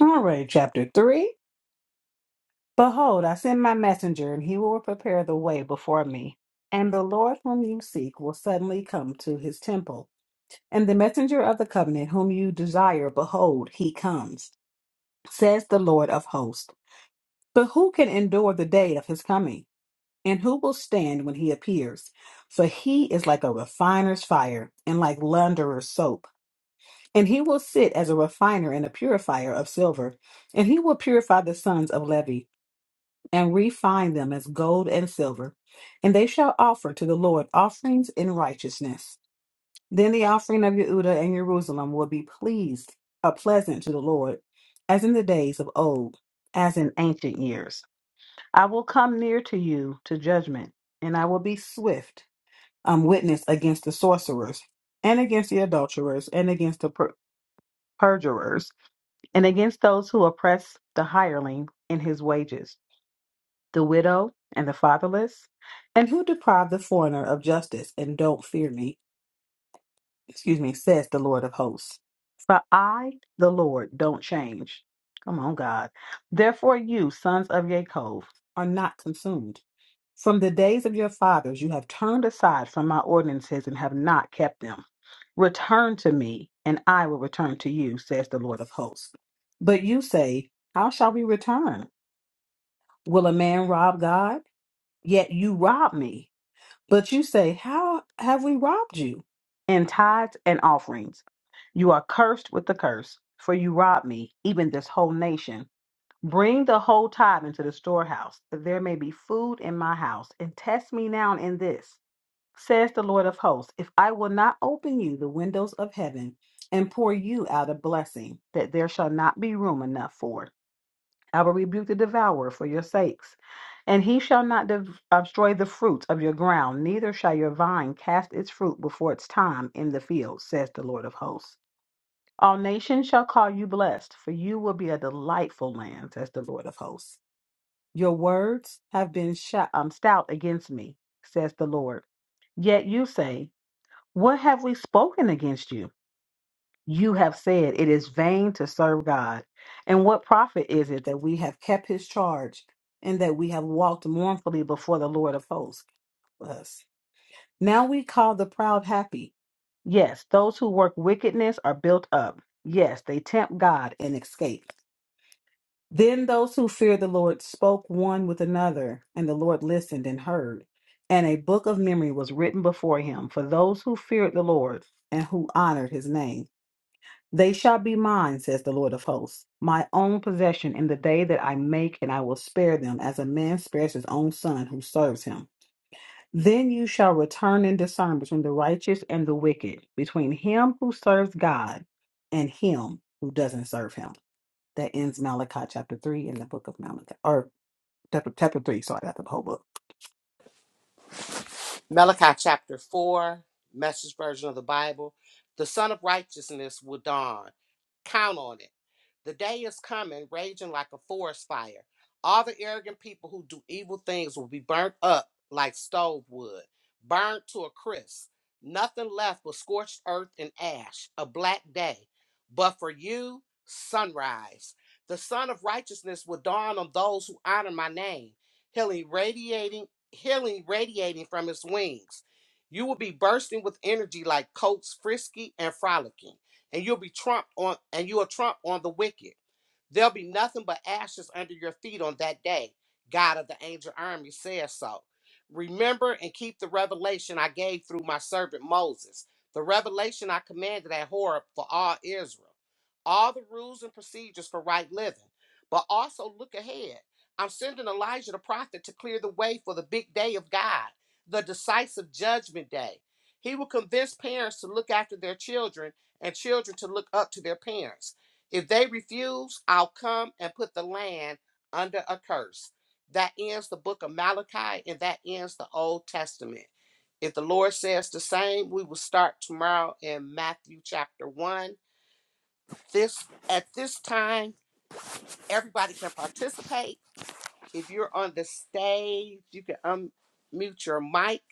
[SPEAKER 5] All right, chapter 3. Behold, I send my messenger, and he will prepare the way before me. And the Lord whom you seek will suddenly come to his temple. And the messenger of the covenant whom you desire, behold, he comes, says the Lord of hosts. But who can endure the day of his coming? And who will stand when he appears? For he is like a refiner's fire and like launderer's soap. And he will sit as a refiner and a purifier of silver, and he will purify the sons of Levi, and refine them as gold and silver. And they shall offer to the Lord offerings in righteousness. Then the offering of Yehuda and Jerusalem will be pleased, or pleasant to the Lord, as in the days of old, as in ancient years. I will come near to you to judgment, and I will be swift, um, witness against the sorcerers, and against the adulterers, and against the per- perjurers and against those who oppress the hireling in his wages, the widow and the fatherless, and who deprive the foreigner of justice and don't fear me, excuse me, says the Lord of hosts. For I, the Lord, don't change. Come on, God. Therefore, you, sons of Jacob, are not consumed. From the days of your fathers, you have turned aside from my ordinances and have not kept them. Return to me, and I will return to you, says the Lord of hosts. But you say, How shall we return? Will a man rob God? Yet you rob me. But you say, How have we robbed you? In tithes and offerings. You are cursed with the curse, for you rob me, even this whole nation. Bring the whole tithe into the storehouse, that there may be food in my house, and test me now in this, says the Lord of hosts, if I will not open you the windows of heaven and pour you out a blessing, that there shall not be room enough for it. I will rebuke the devourer for your sakes, and he shall not dev- destroy the fruits of your ground, neither shall your vine cast its fruit before its time in the field, says the Lord of hosts. All nations shall call you blessed, for you will be a delightful land, says the Lord of hosts. Your words have been shou- um, stout against me, says the Lord. Yet you say, What have we spoken against you? You have said, It is vain to serve God. And what profit is it that we have kept his charge and that we have walked mournfully before the Lord of hosts? Us. Now we call the proud happy. Yes, those who work wickedness are built up. Yes, they tempt God and escape. Then those who feared the Lord spoke one with another, and the Lord listened and heard. And a book of memory was written before him for those who feared the Lord and who honored his name. They shall be mine, says the Lord of hosts, my own possession in the day that I make, and I will spare them as a man spares his own son who serves him. Then you shall return and discern between the righteous and the wicked, between him who serves God and him who doesn't serve him that ends Malachi chapter 3 in the book of Malachi, or chapter, chapter 3, sorry, that's the whole book.
[SPEAKER 1] Malachi chapter 4, message version of the Bible. The Son of Righteousness will dawn. Count on it. The day is coming, raging like a forest fire. All the arrogant people who do evil things will be burnt up like stove wood, burned to a crisp. Nothing left but scorched earth and ash, a black day. But for you, sunrise. The sun of righteousness will dawn on those who honor my name, healing radiating, healing radiating from its wings. You will be bursting with energy like coats frisky and frolicking and you'll be trumped on and you will trump on the wicked. There'll be nothing but ashes under your feet on that day. God of the angel army says so. Remember and keep the revelation I gave through my servant Moses, the revelation I commanded at Horeb for all Israel, all the rules and procedures for right living. But also look ahead. I'm sending Elijah the prophet to clear the way for the big day of God, the decisive judgment day. He will convince parents to look after their children and children to look up to their parents. If they refuse, I'll come and put the land under a curse. That ends the book of Malachi and that ends the Old Testament. If the Lord says the same, we will start tomorrow in Matthew chapter 1. This at this time, everybody can participate. If you're on the stage, you can unmute your mic.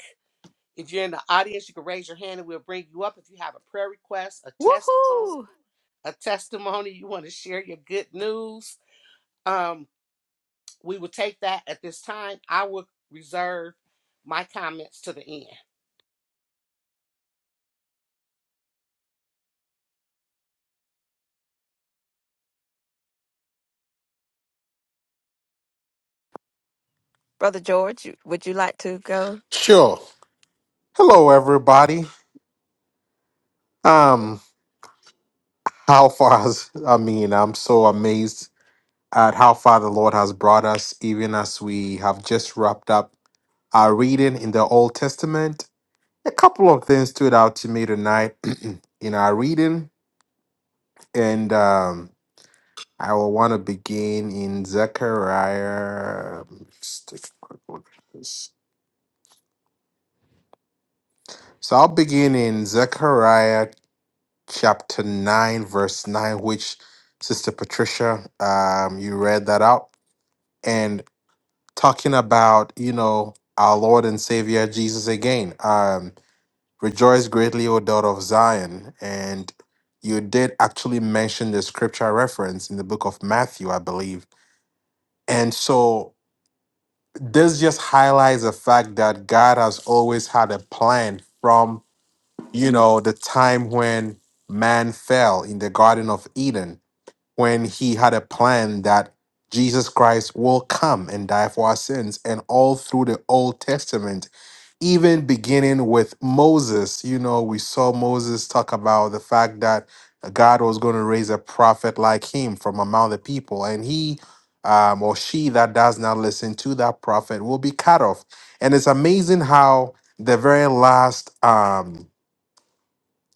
[SPEAKER 1] If you're in the audience, you can raise your hand and we'll bring you up. If you have a prayer request, a testimony,
[SPEAKER 4] Woohoo!
[SPEAKER 1] a testimony, you want to share your good news, um, we will take that at this time. I will reserve my comments to the end.
[SPEAKER 4] Brother George, you- would you like to go?
[SPEAKER 2] Sure. Hello, everybody. Um, how far has, I mean, I'm so amazed at how far the Lord has brought us, even as we have just wrapped up our reading in the Old Testament. A couple of things stood out to me tonight <clears throat> in our reading, and um, I will want to begin in Zechariah. Let's take a quick look at this. So I'll begin in Zechariah chapter 9, verse 9, which Sister Patricia, um, you read that out. And talking about, you know, our Lord and Savior Jesus again. Um, Rejoice greatly, O daughter of Zion. And you did actually mention the scripture reference in the book of Matthew, I believe. And so this just highlights the fact that God has always had a plan from, you know, the time when man fell in the Garden of Eden, when he had a plan that Jesus Christ will come and die for our sins. And all through the Old Testament, even beginning with Moses, you know, we saw Moses talk about the fact that God was going to raise a prophet like him from among the people, and he um, or she that does not listen to that prophet will be cut off. And it's amazing how the very last, um,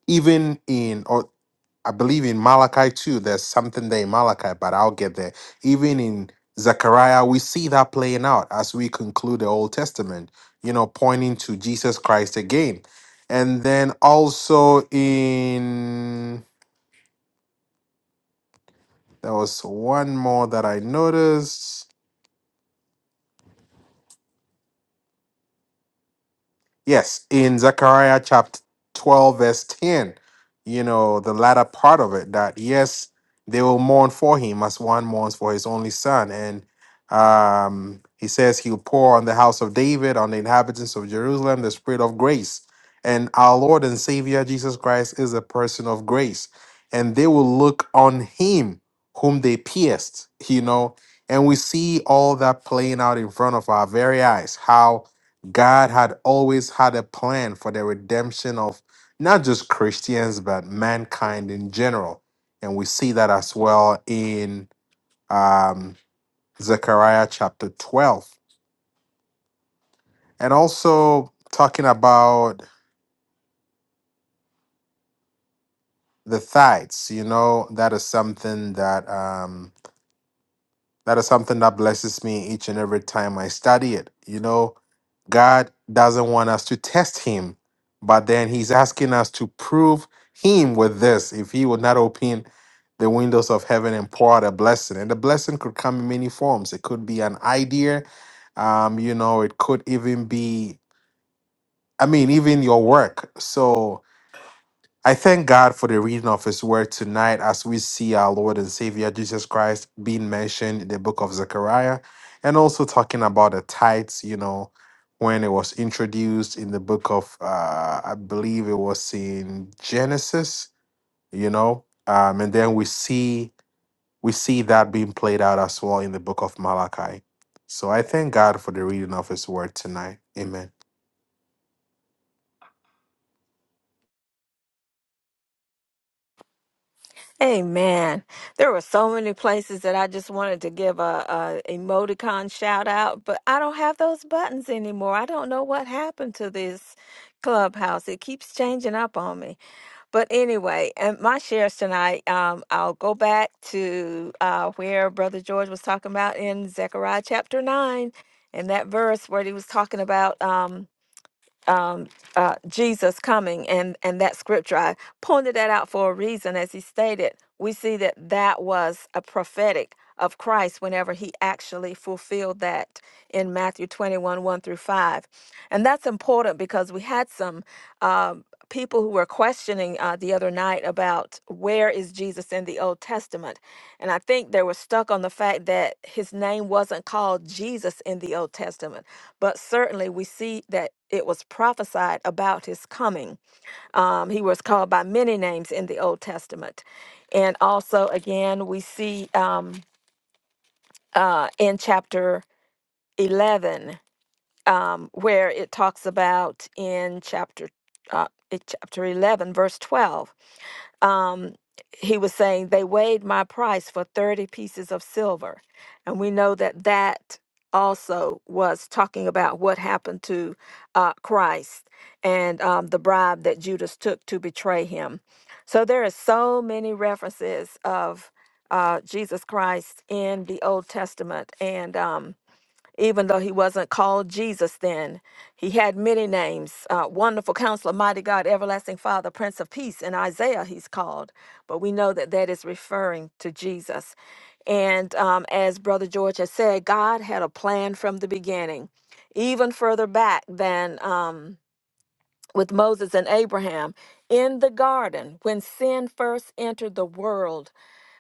[SPEAKER 2] even in or I believe in Malachi too. There's something there in Malachi, but I'll get there. Even in Zechariah, we see that playing out as we conclude the Old Testament, you know, pointing to Jesus Christ again. And then also in, there was one more that I noticed. Yes, in Zechariah chapter 12, verse 10, you know, the latter part of it, that yes, they will mourn for him as one mourns for his only son. And um, he says he'll pour on the house of David, on the inhabitants of Jerusalem, the spirit of grace. And our Lord and Savior Jesus Christ is a person of grace. And they will look on him whom they pierced, you know. And we see all that playing out in front of our very eyes, how God had always had a plan for the redemption of not just Christians, but mankind in general. And we see that as well in um, Zechariah chapter 12. And also talking about the tithes, you know, that is something that. um, That is something that blesses me each and every time I study it. You know, God doesn't want us to test Him, but then He's asking us to prove Him with this. If He would not open the windows of heaven and pour out a blessing, and the blessing could come in many forms. It could be an idea, um, you know, it could even be, I mean, even your work. So, I thank God for the reading of His Word tonight as we see our Lord and Savior Jesus Christ being mentioned in the book of Zechariah and also talking about the tithes, you know, when it was introduced in the book of, uh, I believe it was in Genesis, you know, um, and then we see we see that being played out as well in the book of Malachi. So I thank God for the reading of His Word tonight. Amen.
[SPEAKER 4] Amen. There were so many places that I just wanted to give a, a emoticon shout out, but I don't have those buttons anymore. I don't know what happened to this clubhouse. It keeps changing up on me. But anyway, and my shares tonight, um, I'll go back to uh, where Brother George was talking about in Zechariah chapter nine, and that verse where he was talking about. Um, um, uh, Jesus coming and and that scripture. I pointed that out for a reason, as he stated. We see that that was a prophetic of Christ whenever he actually fulfilled that in Matthew 21 1 through 5. And that's important because we had some um people who were questioning uh, the other night about where is Jesus in the Old Testament. And I think they were stuck on the fact that his name wasn't called Jesus in the Old Testament but certainly we see that it was prophesied about his coming. Um, he was called by many names in the Old Testament. And also, again, we see um, uh, in chapter 11, um, where it talks about in chapter, uh, in chapter 11, verse 12 um, he was saying they weighed my price for 30 pieces of silver. And we know that that also was talking about what happened to uh, Christ and um, the bribe that Judas took to betray him. So there are so many references of uh, Jesus Christ in the Old Testament. And um, even though he wasn't called Jesus then. He had many names uh, Wonderful Counselor, Mighty God, Everlasting Father, Prince of Peace. In Isaiah, he's called, but we know that that is referring to Jesus. And um, as Brother George has said, God had a plan from the beginning, even further back than um, with Moses and Abraham in the garden when sin first entered the world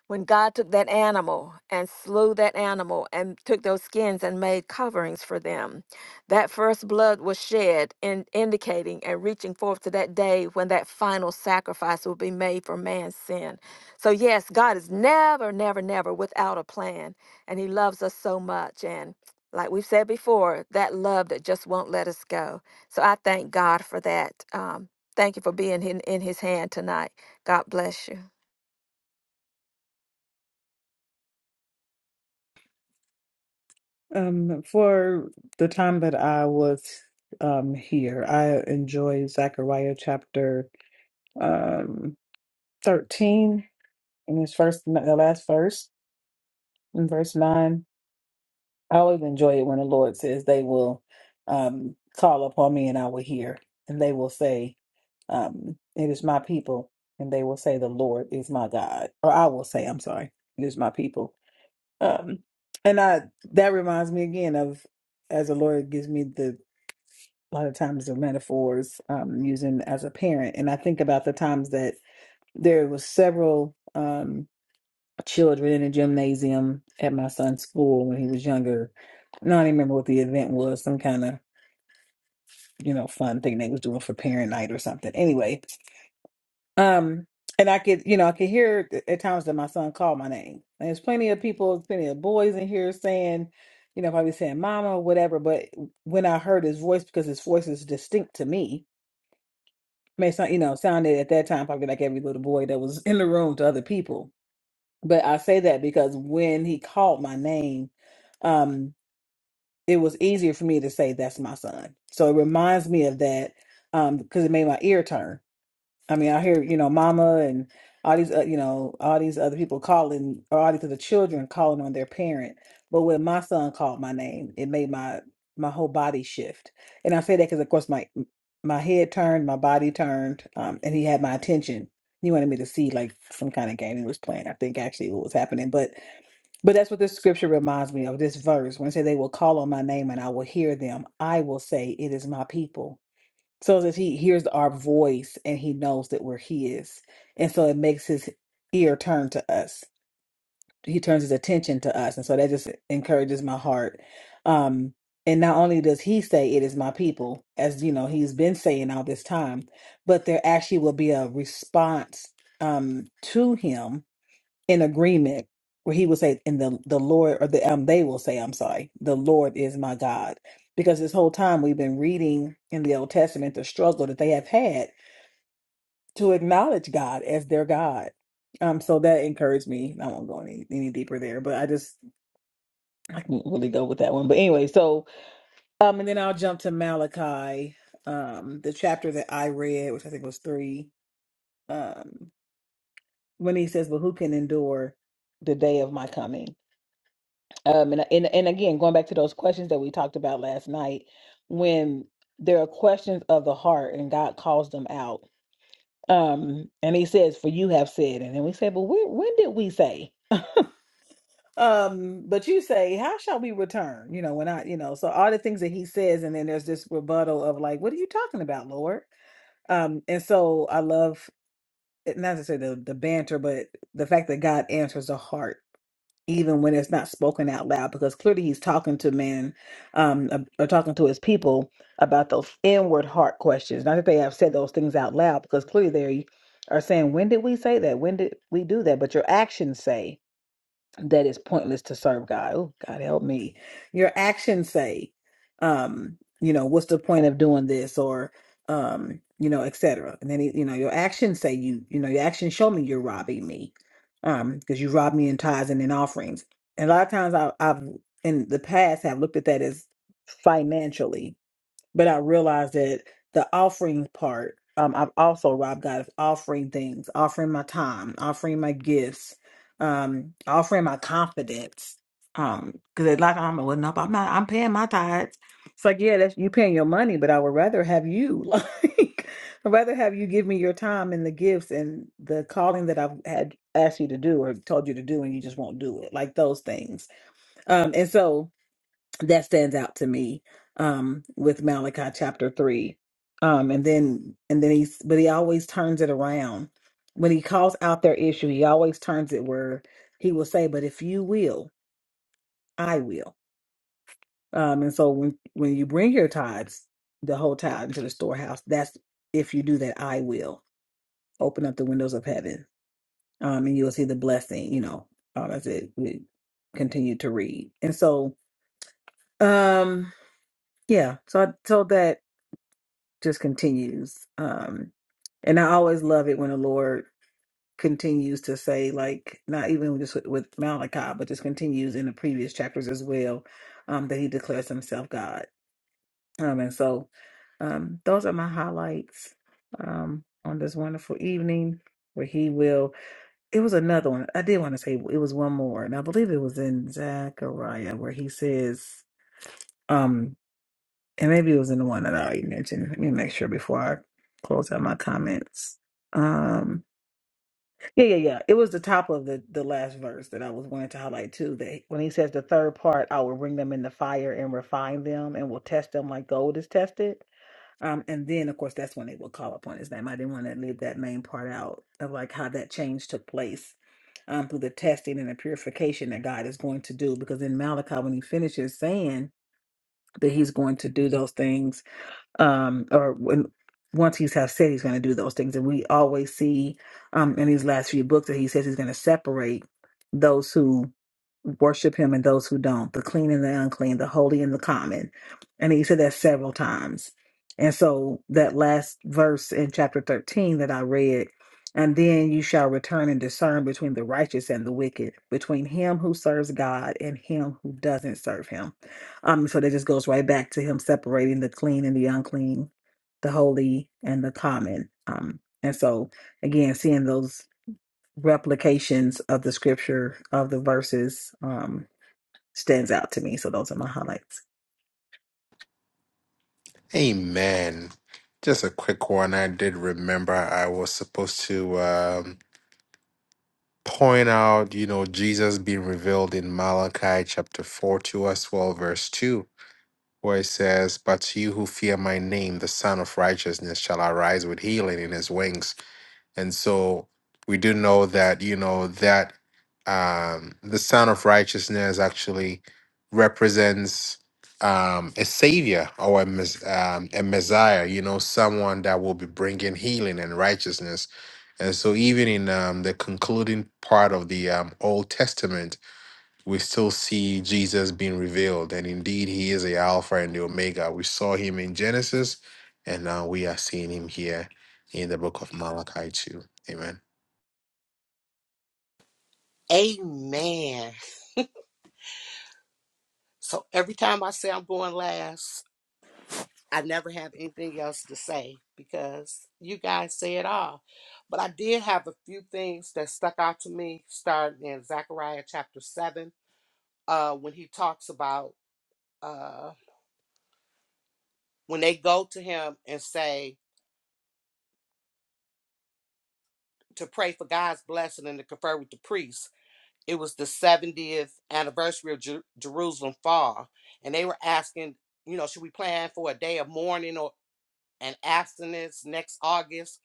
[SPEAKER 4] when God took that animal and slew that animal and took those skins and made coverings for them. That first blood was shed, in, indicating and reaching forth to that day when that final sacrifice will be made for man's sin. So, yes, God is never, never, never without a plan. And He loves us so much. And like we've said before, that love that just won't let us go. So, I thank God for that. Um, thank you for being in, in His hand tonight. God bless you.
[SPEAKER 5] Um, for the time that I was um here, I enjoy Zechariah chapter um thirteen and verse in verse nine. I always enjoy it when the Lord says they will um call upon me and I will hear, and they will say, um, it is my people, and they will say the Lord is my God. Or I will say, I'm sorry, it is my people Um, and I that reminds me again of as a lawyer it gives me the a lot of times the metaphors um using as a parent. And I think about the times that there was several um children in a gymnasium at my son's school when he was younger. I don't even remember what the event was, some kind of, you know, fun thing they was doing for parent night or something. Anyway, Um, and I could, you know, I could hear th- at times that my son called my name. And there's plenty of people, plenty of boys in here saying, you know, probably saying mama or whatever. But when I heard his voice, because his voice is distinct to me, may sound, you know, sounded at that time probably like every little boy that was <laughs> in the room to other people. But I say that because when he called my name, um, it was easier for me to say that's my son. So it reminds me of that um, because it made my ear turn I mean, I hear, you know, mama and all these, uh, you know, all these other people calling, or all these other children calling on their parent. But when my son called my name, it made my my whole body shift. And I say that because, of course, my my head turned, my body turned, um, and he had my attention. He wanted me to see like some kind of game he was playing. I think actually what was happening, but but that's what this scripture reminds me of. This verse when it says, "They will call on my name, and I will hear them. I will say, it is my people." so that he hears our voice and he knows that we're his and so it makes his ear turn to us he turns his attention to us and so that just encourages my heart um and not only does he say it is my people as you know he's been saying all this time but there actually will be a response um to him in agreement where he will say and the the lord or the um they will say i'm sorry the lord is my god because this whole time we've been reading in the old testament the struggle that they have had to acknowledge god as their god um so that encouraged me i won't go any, any deeper there but i just i can really go with that one but anyway so um and then i'll jump to malachi um the chapter that i read which i think was three um when he says but who can endure the day of my coming Um, and, and and again, going back to those questions that we talked about last night, when there are questions of the heart and God calls them out, um, and He says, "For you have said," and then we say, "But when when did we say?" Um, but you say, "How shall we return?" You know, when I, you know, so all the things that He says, and then there's this rebuttal of like, "What are you talking about, Lord?" Um, and so I love not to say the the banter, but the fact that God answers the heart even when it's not spoken out loud, because clearly he's talking to men um, ab- or talking to his people about those inward heart questions. Not that they have said those things out loud, because clearly they are saying, When did we say that? When did we do that? But your actions say that is pointless to serve God. Oh, God help me. Your actions say, um, you know, what's the point of doing this or um, you know, et cetera. And then he- you know, your actions say you, you know, your actions show me you're robbing me. Um, because you rob me in tithes and in offerings. And a lot of times I I've in the past have looked at that as financially but I realized that the offering part, um, I've also robbed God of offering things, offering my time, offering my gifts, um, offering my confidence. Um, because it's like I'm well, nope, I'm not. I'm paying my tithes. It's like yeah, that's you paying your money, but I would rather have you <laughs> like. I'd rather have you give me your time and the gifts and the calling that I've had asked you to do or told you to do, and you just won't do it, like those things. Um, and so that stands out to me um with Malachi chapter 3 um and then and then he's but he always turns it around when he calls out their issue he always turns it where he will say but if you will I will um and so when when you bring your tithes the whole tithe into the storehouse that's if you do that I will open up the windows of heaven um and you'll see the blessing you know um, as it we continue to read and so um yeah so I told that just continues. Um, and I always love it when the Lord continues to say, like, not even just with, with Malachi, but just continues in the previous chapters as well, um, that He declares Himself God. Um, and so, um, those are my highlights um, on this wonderful evening where He will. It was another one. I did want to say it was one more, and I believe it was in Zechariah where He says. um, and maybe it was in the one that I already mentioned. Let me make sure before I close out my comments. Um, yeah, yeah, yeah. It was the top of the the last verse that I was wanting to highlight too. That when he says the third part, I will bring them in the fire and refine them, and will test them like gold is tested. Um, and then of course that's when they will call upon his name. I didn't want to leave that main part out of like how that change took place um, through the testing and the purification that God is going to do. Because in Malachi, when he finishes saying that he's going to do those things um, or when once he's have said he's going to do those things, and we always see um, in these last few books that he says he's going to separate those who worship him and those who don't, the clean and the unclean, the holy and the common, and he said that several times. And so that last verse in chapter thirteen that I read. And then you shall return and discern between the righteous and the wicked, between him who serves God and him who doesn't serve him um, so that just goes right back to him separating the clean and the unclean, the holy and the common. Um, and so again, seeing those replications of the scripture of the verses um, stands out to me. So those are my highlights.
[SPEAKER 2] Amen. Just a quick one. I did remember I was supposed to um, point out, you know, Jesus being revealed in Malachi chapter 4 to us, well, verse 2, where it says, But you who fear my name, the Son of Righteousness, shall arise with healing in his wings. And so we do know that, you know, that um, the Son of Righteousness actually represents um, a savior or a, mes- um, a Messiah, you know, someone that will be bringing healing and righteousness. And so even in um, the concluding part of the um, Old Testament, we still see Jesus being revealed. And indeed, he is the Alpha and the Omega. We saw him in Genesis, and now we are seeing him here in the book of Malachi too. Amen.
[SPEAKER 1] Amen. So every time I say I'm going last, I never have anything else to say because you guys say it all. But I did have a few things that stuck out to me, starting in Zechariah chapter 7, uh, when he talks about uh, when they go to him and say to pray for God's blessing and to confer with the priest it was the 70th anniversary of Jer- Jerusalem fall, and they were asking, you know, should we plan for a day of mourning or an abstinence next August?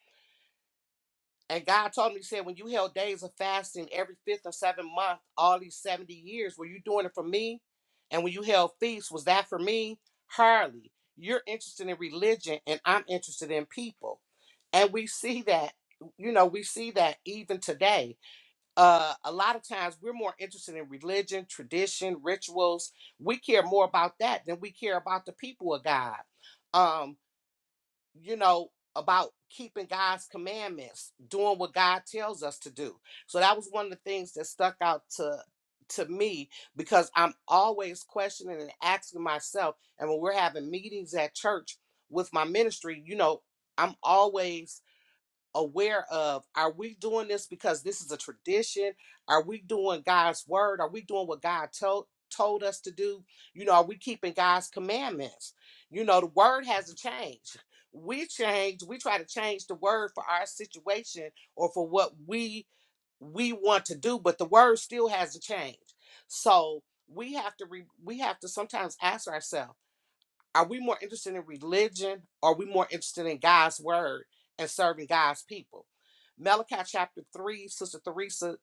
[SPEAKER 1] And God told me, He said, when you held days of fasting every fifth or seventh month, all these 70 years, were you doing it for me? And when you held feasts, was that for me? Hardly. You're interested in religion, and I'm interested in people. And we see that, you know, we see that even today uh, a lot of times we're more interested in religion, tradition, rituals. We care more about that than we care about the people of God. Um, you know, about keeping God's commandments, doing what God tells us to do. So that was one of the things that stuck out to to me because I'm always questioning and asking myself. And when we're having meetings at church with my ministry, you know, I'm always aware of are we doing this because this is a tradition are we doing god's word are we doing what god told told us to do you know are we keeping god's commandments you know the word hasn't changed we change we try to change the word for our situation or for what we we want to do but the word still hasn't changed so we have to re, we have to sometimes ask ourselves are we more interested in religion? Or are we more interested in God's word and serving God's people? Malachi chapter 3, Sister Theresa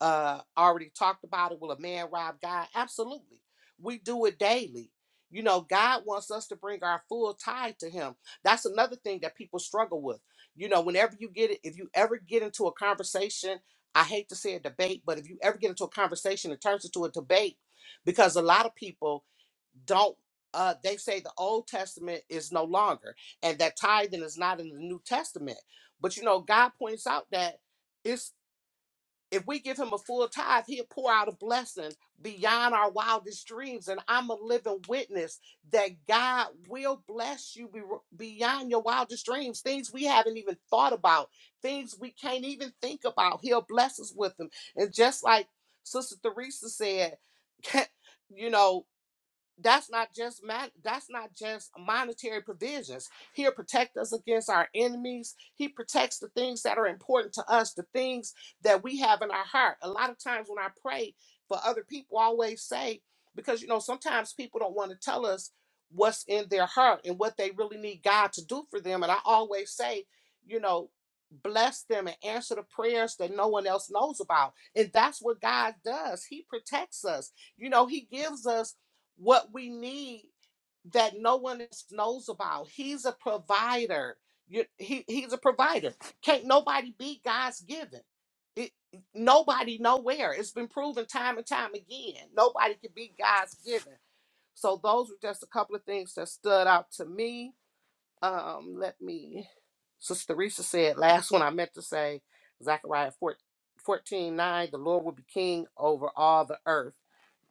[SPEAKER 1] uh, already talked about it. Will a man rob God? Absolutely. We do it daily. You know, God wants us to bring our full tithe to Him. That's another thing that people struggle with. You know, whenever you get it, if you ever get into a conversation, I hate to say a debate, but if you ever get into a conversation, it turns into a debate because a lot of people don't uh they say the old testament is no longer and that tithing is not in the new testament but you know god points out that it's if we give him a full tithe he'll pour out a blessing beyond our wildest dreams and i'm a living witness that god will bless you be- beyond your wildest dreams things we haven't even thought about things we can't even think about he'll bless us with them and just like sister theresa said <laughs> you know that's not just man that's not just monetary provisions he'll protect us against our enemies he protects the things that are important to us the things that we have in our heart a lot of times when i pray for other people I always say because you know sometimes people don't want to tell us what's in their heart and what they really need god to do for them and i always say you know bless them and answer the prayers that no one else knows about and that's what god does he protects us you know he gives us what we need that no one else knows about. He's a provider. You, he, he's a provider. Can't nobody beat God's given. It, nobody nowhere. It's been proven time and time again. Nobody can beat God's given. So those were just a couple of things that stood out to me. Um, let me. Sister Teresa said last one I meant to say Zechariah 14 9. the Lord will be king over all the earth.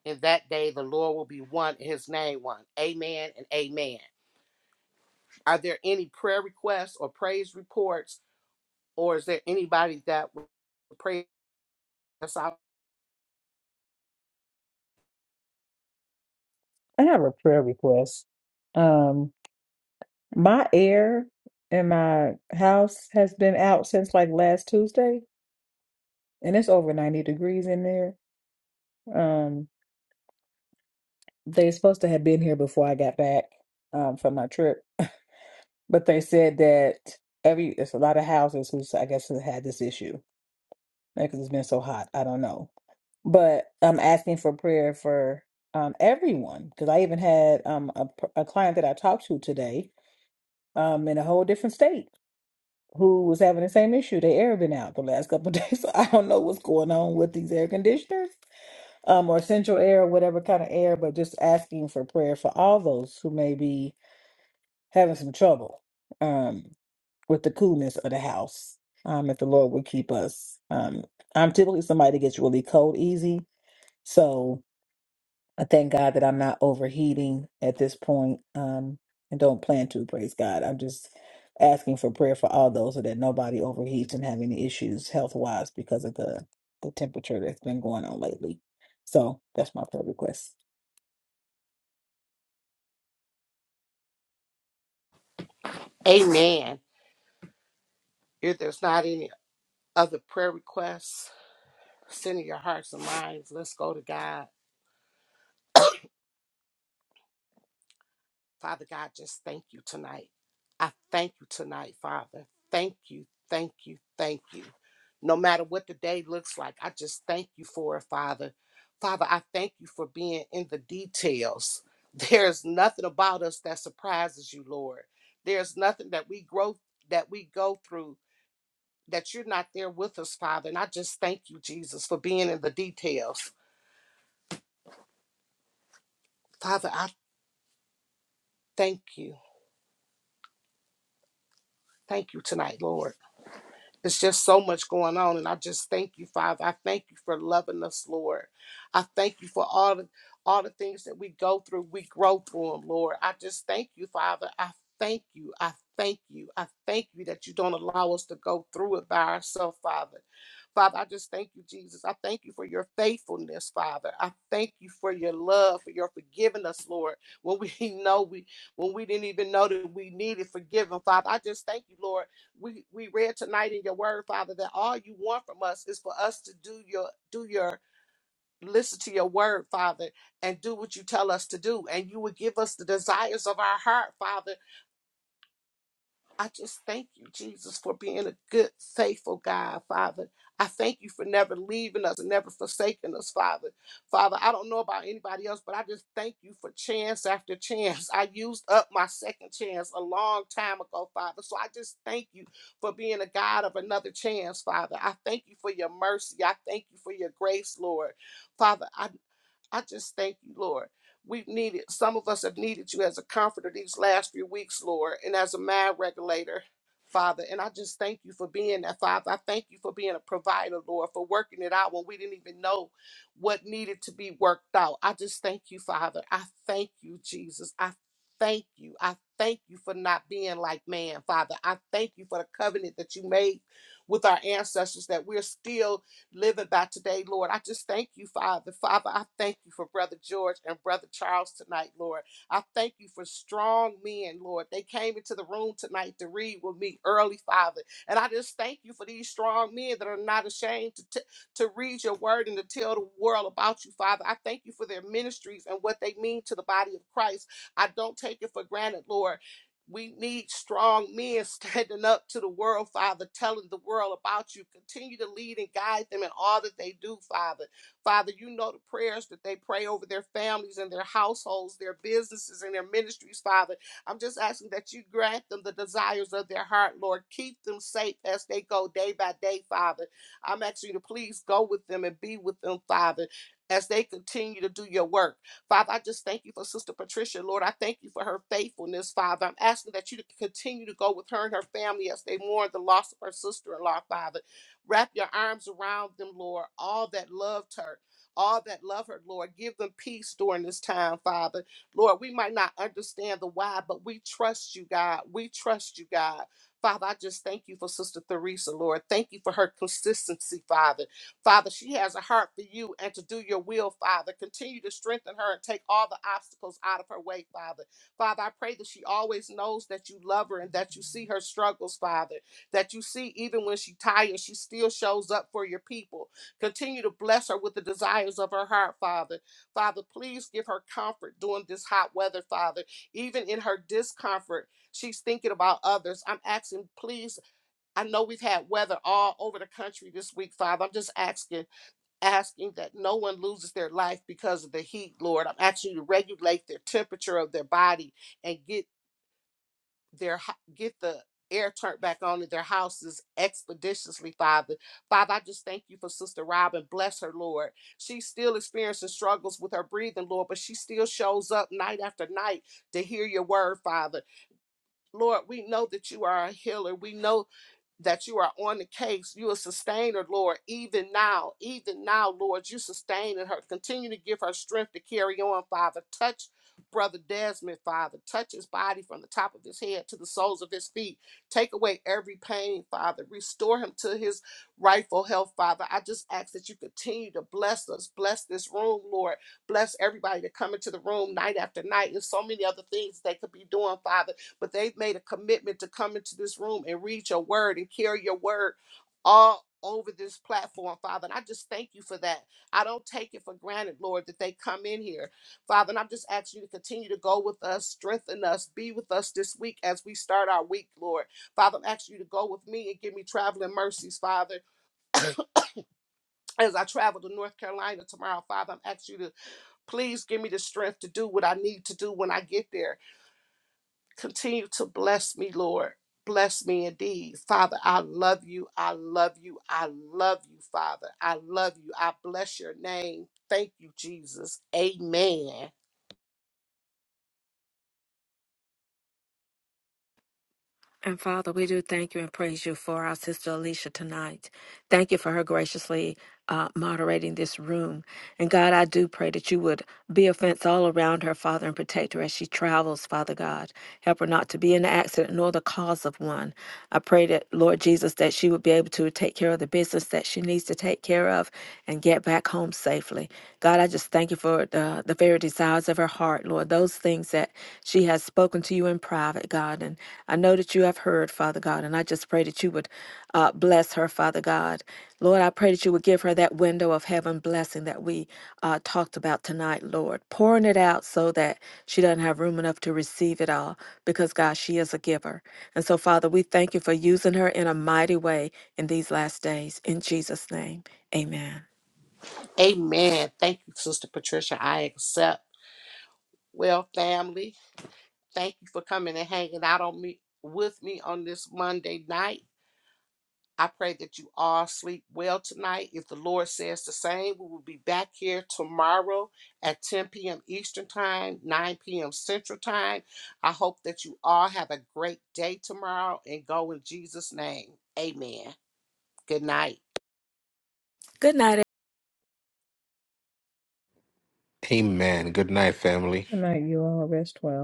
[SPEAKER 1] In that day, the Lord will be one and his name one. Amen and amen. Are there any prayer requests or praise reports, or is there anybody that will pray us out?
[SPEAKER 5] I have a prayer request. Um, my air in my house has been out since like last Tuesday, and it's over 90 degrees in there. Um, they supposed to have been here before I got back um, from my trip, But they said that every it's a lot of houses who I guess have had this issue because it's been so hot. I don't know, but I'm asking for prayer for um everyone because I even had um a, p- a client that I talked to today um in a whole different state who was having the same issue. They air been out the last couple of <laughs> days, so I don't know what's going on with these air conditioners um or central air, whatever kind of air. But just asking for prayer for all those who may be having some trouble. um, with the coolness of the house. Um, if the Lord would keep us. Um, I'm typically somebody that gets really cold easy. So I thank God that I'm not overheating at this point, um, and don't plan to. Praise God. I'm just asking for prayer for all those so that nobody overheats and have any issues health wise because of the the temperature that's been going on lately. So that's my prayer request.
[SPEAKER 1] Amen. If there's not any other prayer requests, send in your hearts and minds. Let's go to God. Father God, just thank you tonight. I thank you tonight, Father. Thank you, thank you, thank you. No matter what the day looks like, I just thank you for it, Father. Father, I thank you for being in the details. <laughs> There's nothing about us that surprises you, Lord. There's nothing that we grow that we go through that you're not there with us, Father. And I just thank you, Jesus, for being in the details. Father, I thank you. Thank you tonight, Lord. It's just so much going on. And I just thank you, Father. I thank you for loving us, Lord. I thank you for all the all the things that we go through, we grow through them, Lord. I just thank you, Father. I thank you. I thank you. I thank you that you don't allow us to go through it by ourselves, Father. Father, I just thank you, Jesus. I thank you for your faithfulness, Father. I thank you for your love, for your forgiving us, Lord. When we <laughs> know we when we didn't even know that we needed forgiving, Father. I just thank you, Lord we we read tonight in your word, Father, that all you want from us is for us to do your do your listen to your word, Father, and do what you tell us to do. And you will give us the desires of our heart, Father, I just thank you, Jesus, for being a good, faithful God, Father. I thank you for never leaving us and never forsaking us, Father. Father, I don't know about anybody else, but I just thank you for chance after <laughs> chance. I used up my second chance a long time ago, Father. So I just thank you for being a God of another chance, Father. I thank you for your mercy. I thank you for your grace, Lord. Father, I I just thank you, Lord. We've needed, some of us have needed you as a comforter these last few weeks, Lord, and as a mind regulator, Father. And I just thank you for being that, Father. I thank you for being a provider, Lord, for working it out when we didn't even know what needed to be worked out. I just thank you, Father. I thank you, Jesus. I thank you. I thank you for not being like man, Father. I thank you for the covenant that you made with our ancestors that we're still living by today, Lord. I just thank you, Father. Father, I thank you for Brother George and Brother Charles tonight, Lord. I thank you for strong men, Lord. They came into the room tonight to read with me early, Father. And I just thank you for these strong men that are not ashamed to, t- to read your word and to tell the world about you, Father. I thank you for their ministries and what they mean to the body of Christ. I don't take it for granted, Lord. We need strong men <laughs> standing up to the world, Father, telling the world about you. Continue to lead and guide them in all that they do, Father. Father, you know the prayers that they pray over their families and their households, their businesses and their ministries, Father. I'm just asking that you grant them the desires of their heart, Lord. Keep them safe as they go day by day, Father. I'm asking you to please go with them and be with them, Father, as they continue to do your work. Father, I just thank you for Sister Patricia, Lord. I thank you for her faithfulness, Father. I'm asking that you to continue to go with her and her family as they mourn the loss of her sister in law, Father. Wrap your arms around them, Lord, all that loved her. All that love her, Lord, give them peace during this time, Father. Lord, we might not understand the why, but we trust you, God. We trust you, God. Father, I just thank you for Sister Theresa, Lord. Thank you for her consistency, Father. Father, she has a heart for you and to do your will, Father. Continue to strengthen her and take all the obstacles out of her way, Father. Father, I pray that she always knows that you love her and that you see her struggles, Father. That you see even when she tired, she still shows up for your people. Continue to bless her with the desires of her heart, Father. Father, please give her comfort during this hot weather, Father. Even in her discomfort, she's thinking about others. I'm asking, please I know we've had weather all over the country this week, Father. I'm just asking, asking that no one loses their life because of the heat, Lord. I'm asking you to regulate their temperature of their body and get their ho- get the air turned back on in their houses expeditiously, Father. Father, I just thank you for Sister Robin. Bless her, Lord. She's still experiencing struggles with her breathing, Lord, but she still shows up night after night to hear your word, Father. Lord, we know that you are a healer. We know that you are on the case. You are a sustainer, Lord, even now, even now, Lord, you sustaining her. Continue to give her strength to carry on, Father. Touch Brother Desmond, Father. Touch his body from the top of his head to the soles of his feet. Take away every pain, Father. Restore him to his rightful health, Father. I just ask that you continue to bless us. Bless this room, Lord. Bless everybody that come into the room night after night. There's so many other things they could be doing, Father but they've made a commitment to come into this room and read your word and carry your word all over this platform, Father. And I just thank you for that. I don't take it for granted, Lord, that they come in here, Father. And I'm just asking you to continue to go with us, strengthen us, be with us this week as we start our week, Lord. Father, I'm asking you to go with me and give me traveling mercies, Father <coughs> as I travel to North Carolina tomorrow, Father, I'm asking you to please give me the strength to do what I need to do when I get there. Continue to bless me, Lord. Bless me indeed. Father, I love you. I love you. I love you, Father. I love you. I bless your name. Thank you, Jesus. Amen.
[SPEAKER 4] And Father, we do thank you and praise you for our sister Alicia tonight. Thank you for her graciously uh, moderating this room. And God, I do pray that you would be a fence all around her, Father, and protect her as she travels, Father God. Help her not to be in an accident nor the cause of one. I pray that, Lord Jesus, that she would be able to take care of the business that she needs to take care of care of and get back home safely. God, I just thank you for the, the very desires of her heart, Lord, those things that she has spoken to you in private, God. And I know that you have heard, Father God, and I just pray that you would uh, bless her, Father God. Lord, I pray that you would give her that window of heaven blessing that we uh, talked about tonight, Lord, pouring it out so that she doesn't have room enough to receive it all because, God, she is a giver. And so, Father, we thank you for using her in a mighty way in these last days. In Jesus' name. Amen.
[SPEAKER 1] Amen. Thank you, Sister Patricia. I accept. Well, family, thank you for coming and hanging out on me with me on this Monday night. I pray that you all sleep well tonight. If the Lord says the same, we will be back here tomorrow at 10 p.m. Eastern Time, 9 p.m. Central Time. I hope that you all have a great day tomorrow and go in Jesus' name. Amen. Good night.
[SPEAKER 4] Good night,
[SPEAKER 2] Amen. Good night, family.
[SPEAKER 5] Good night, you all. Rest well.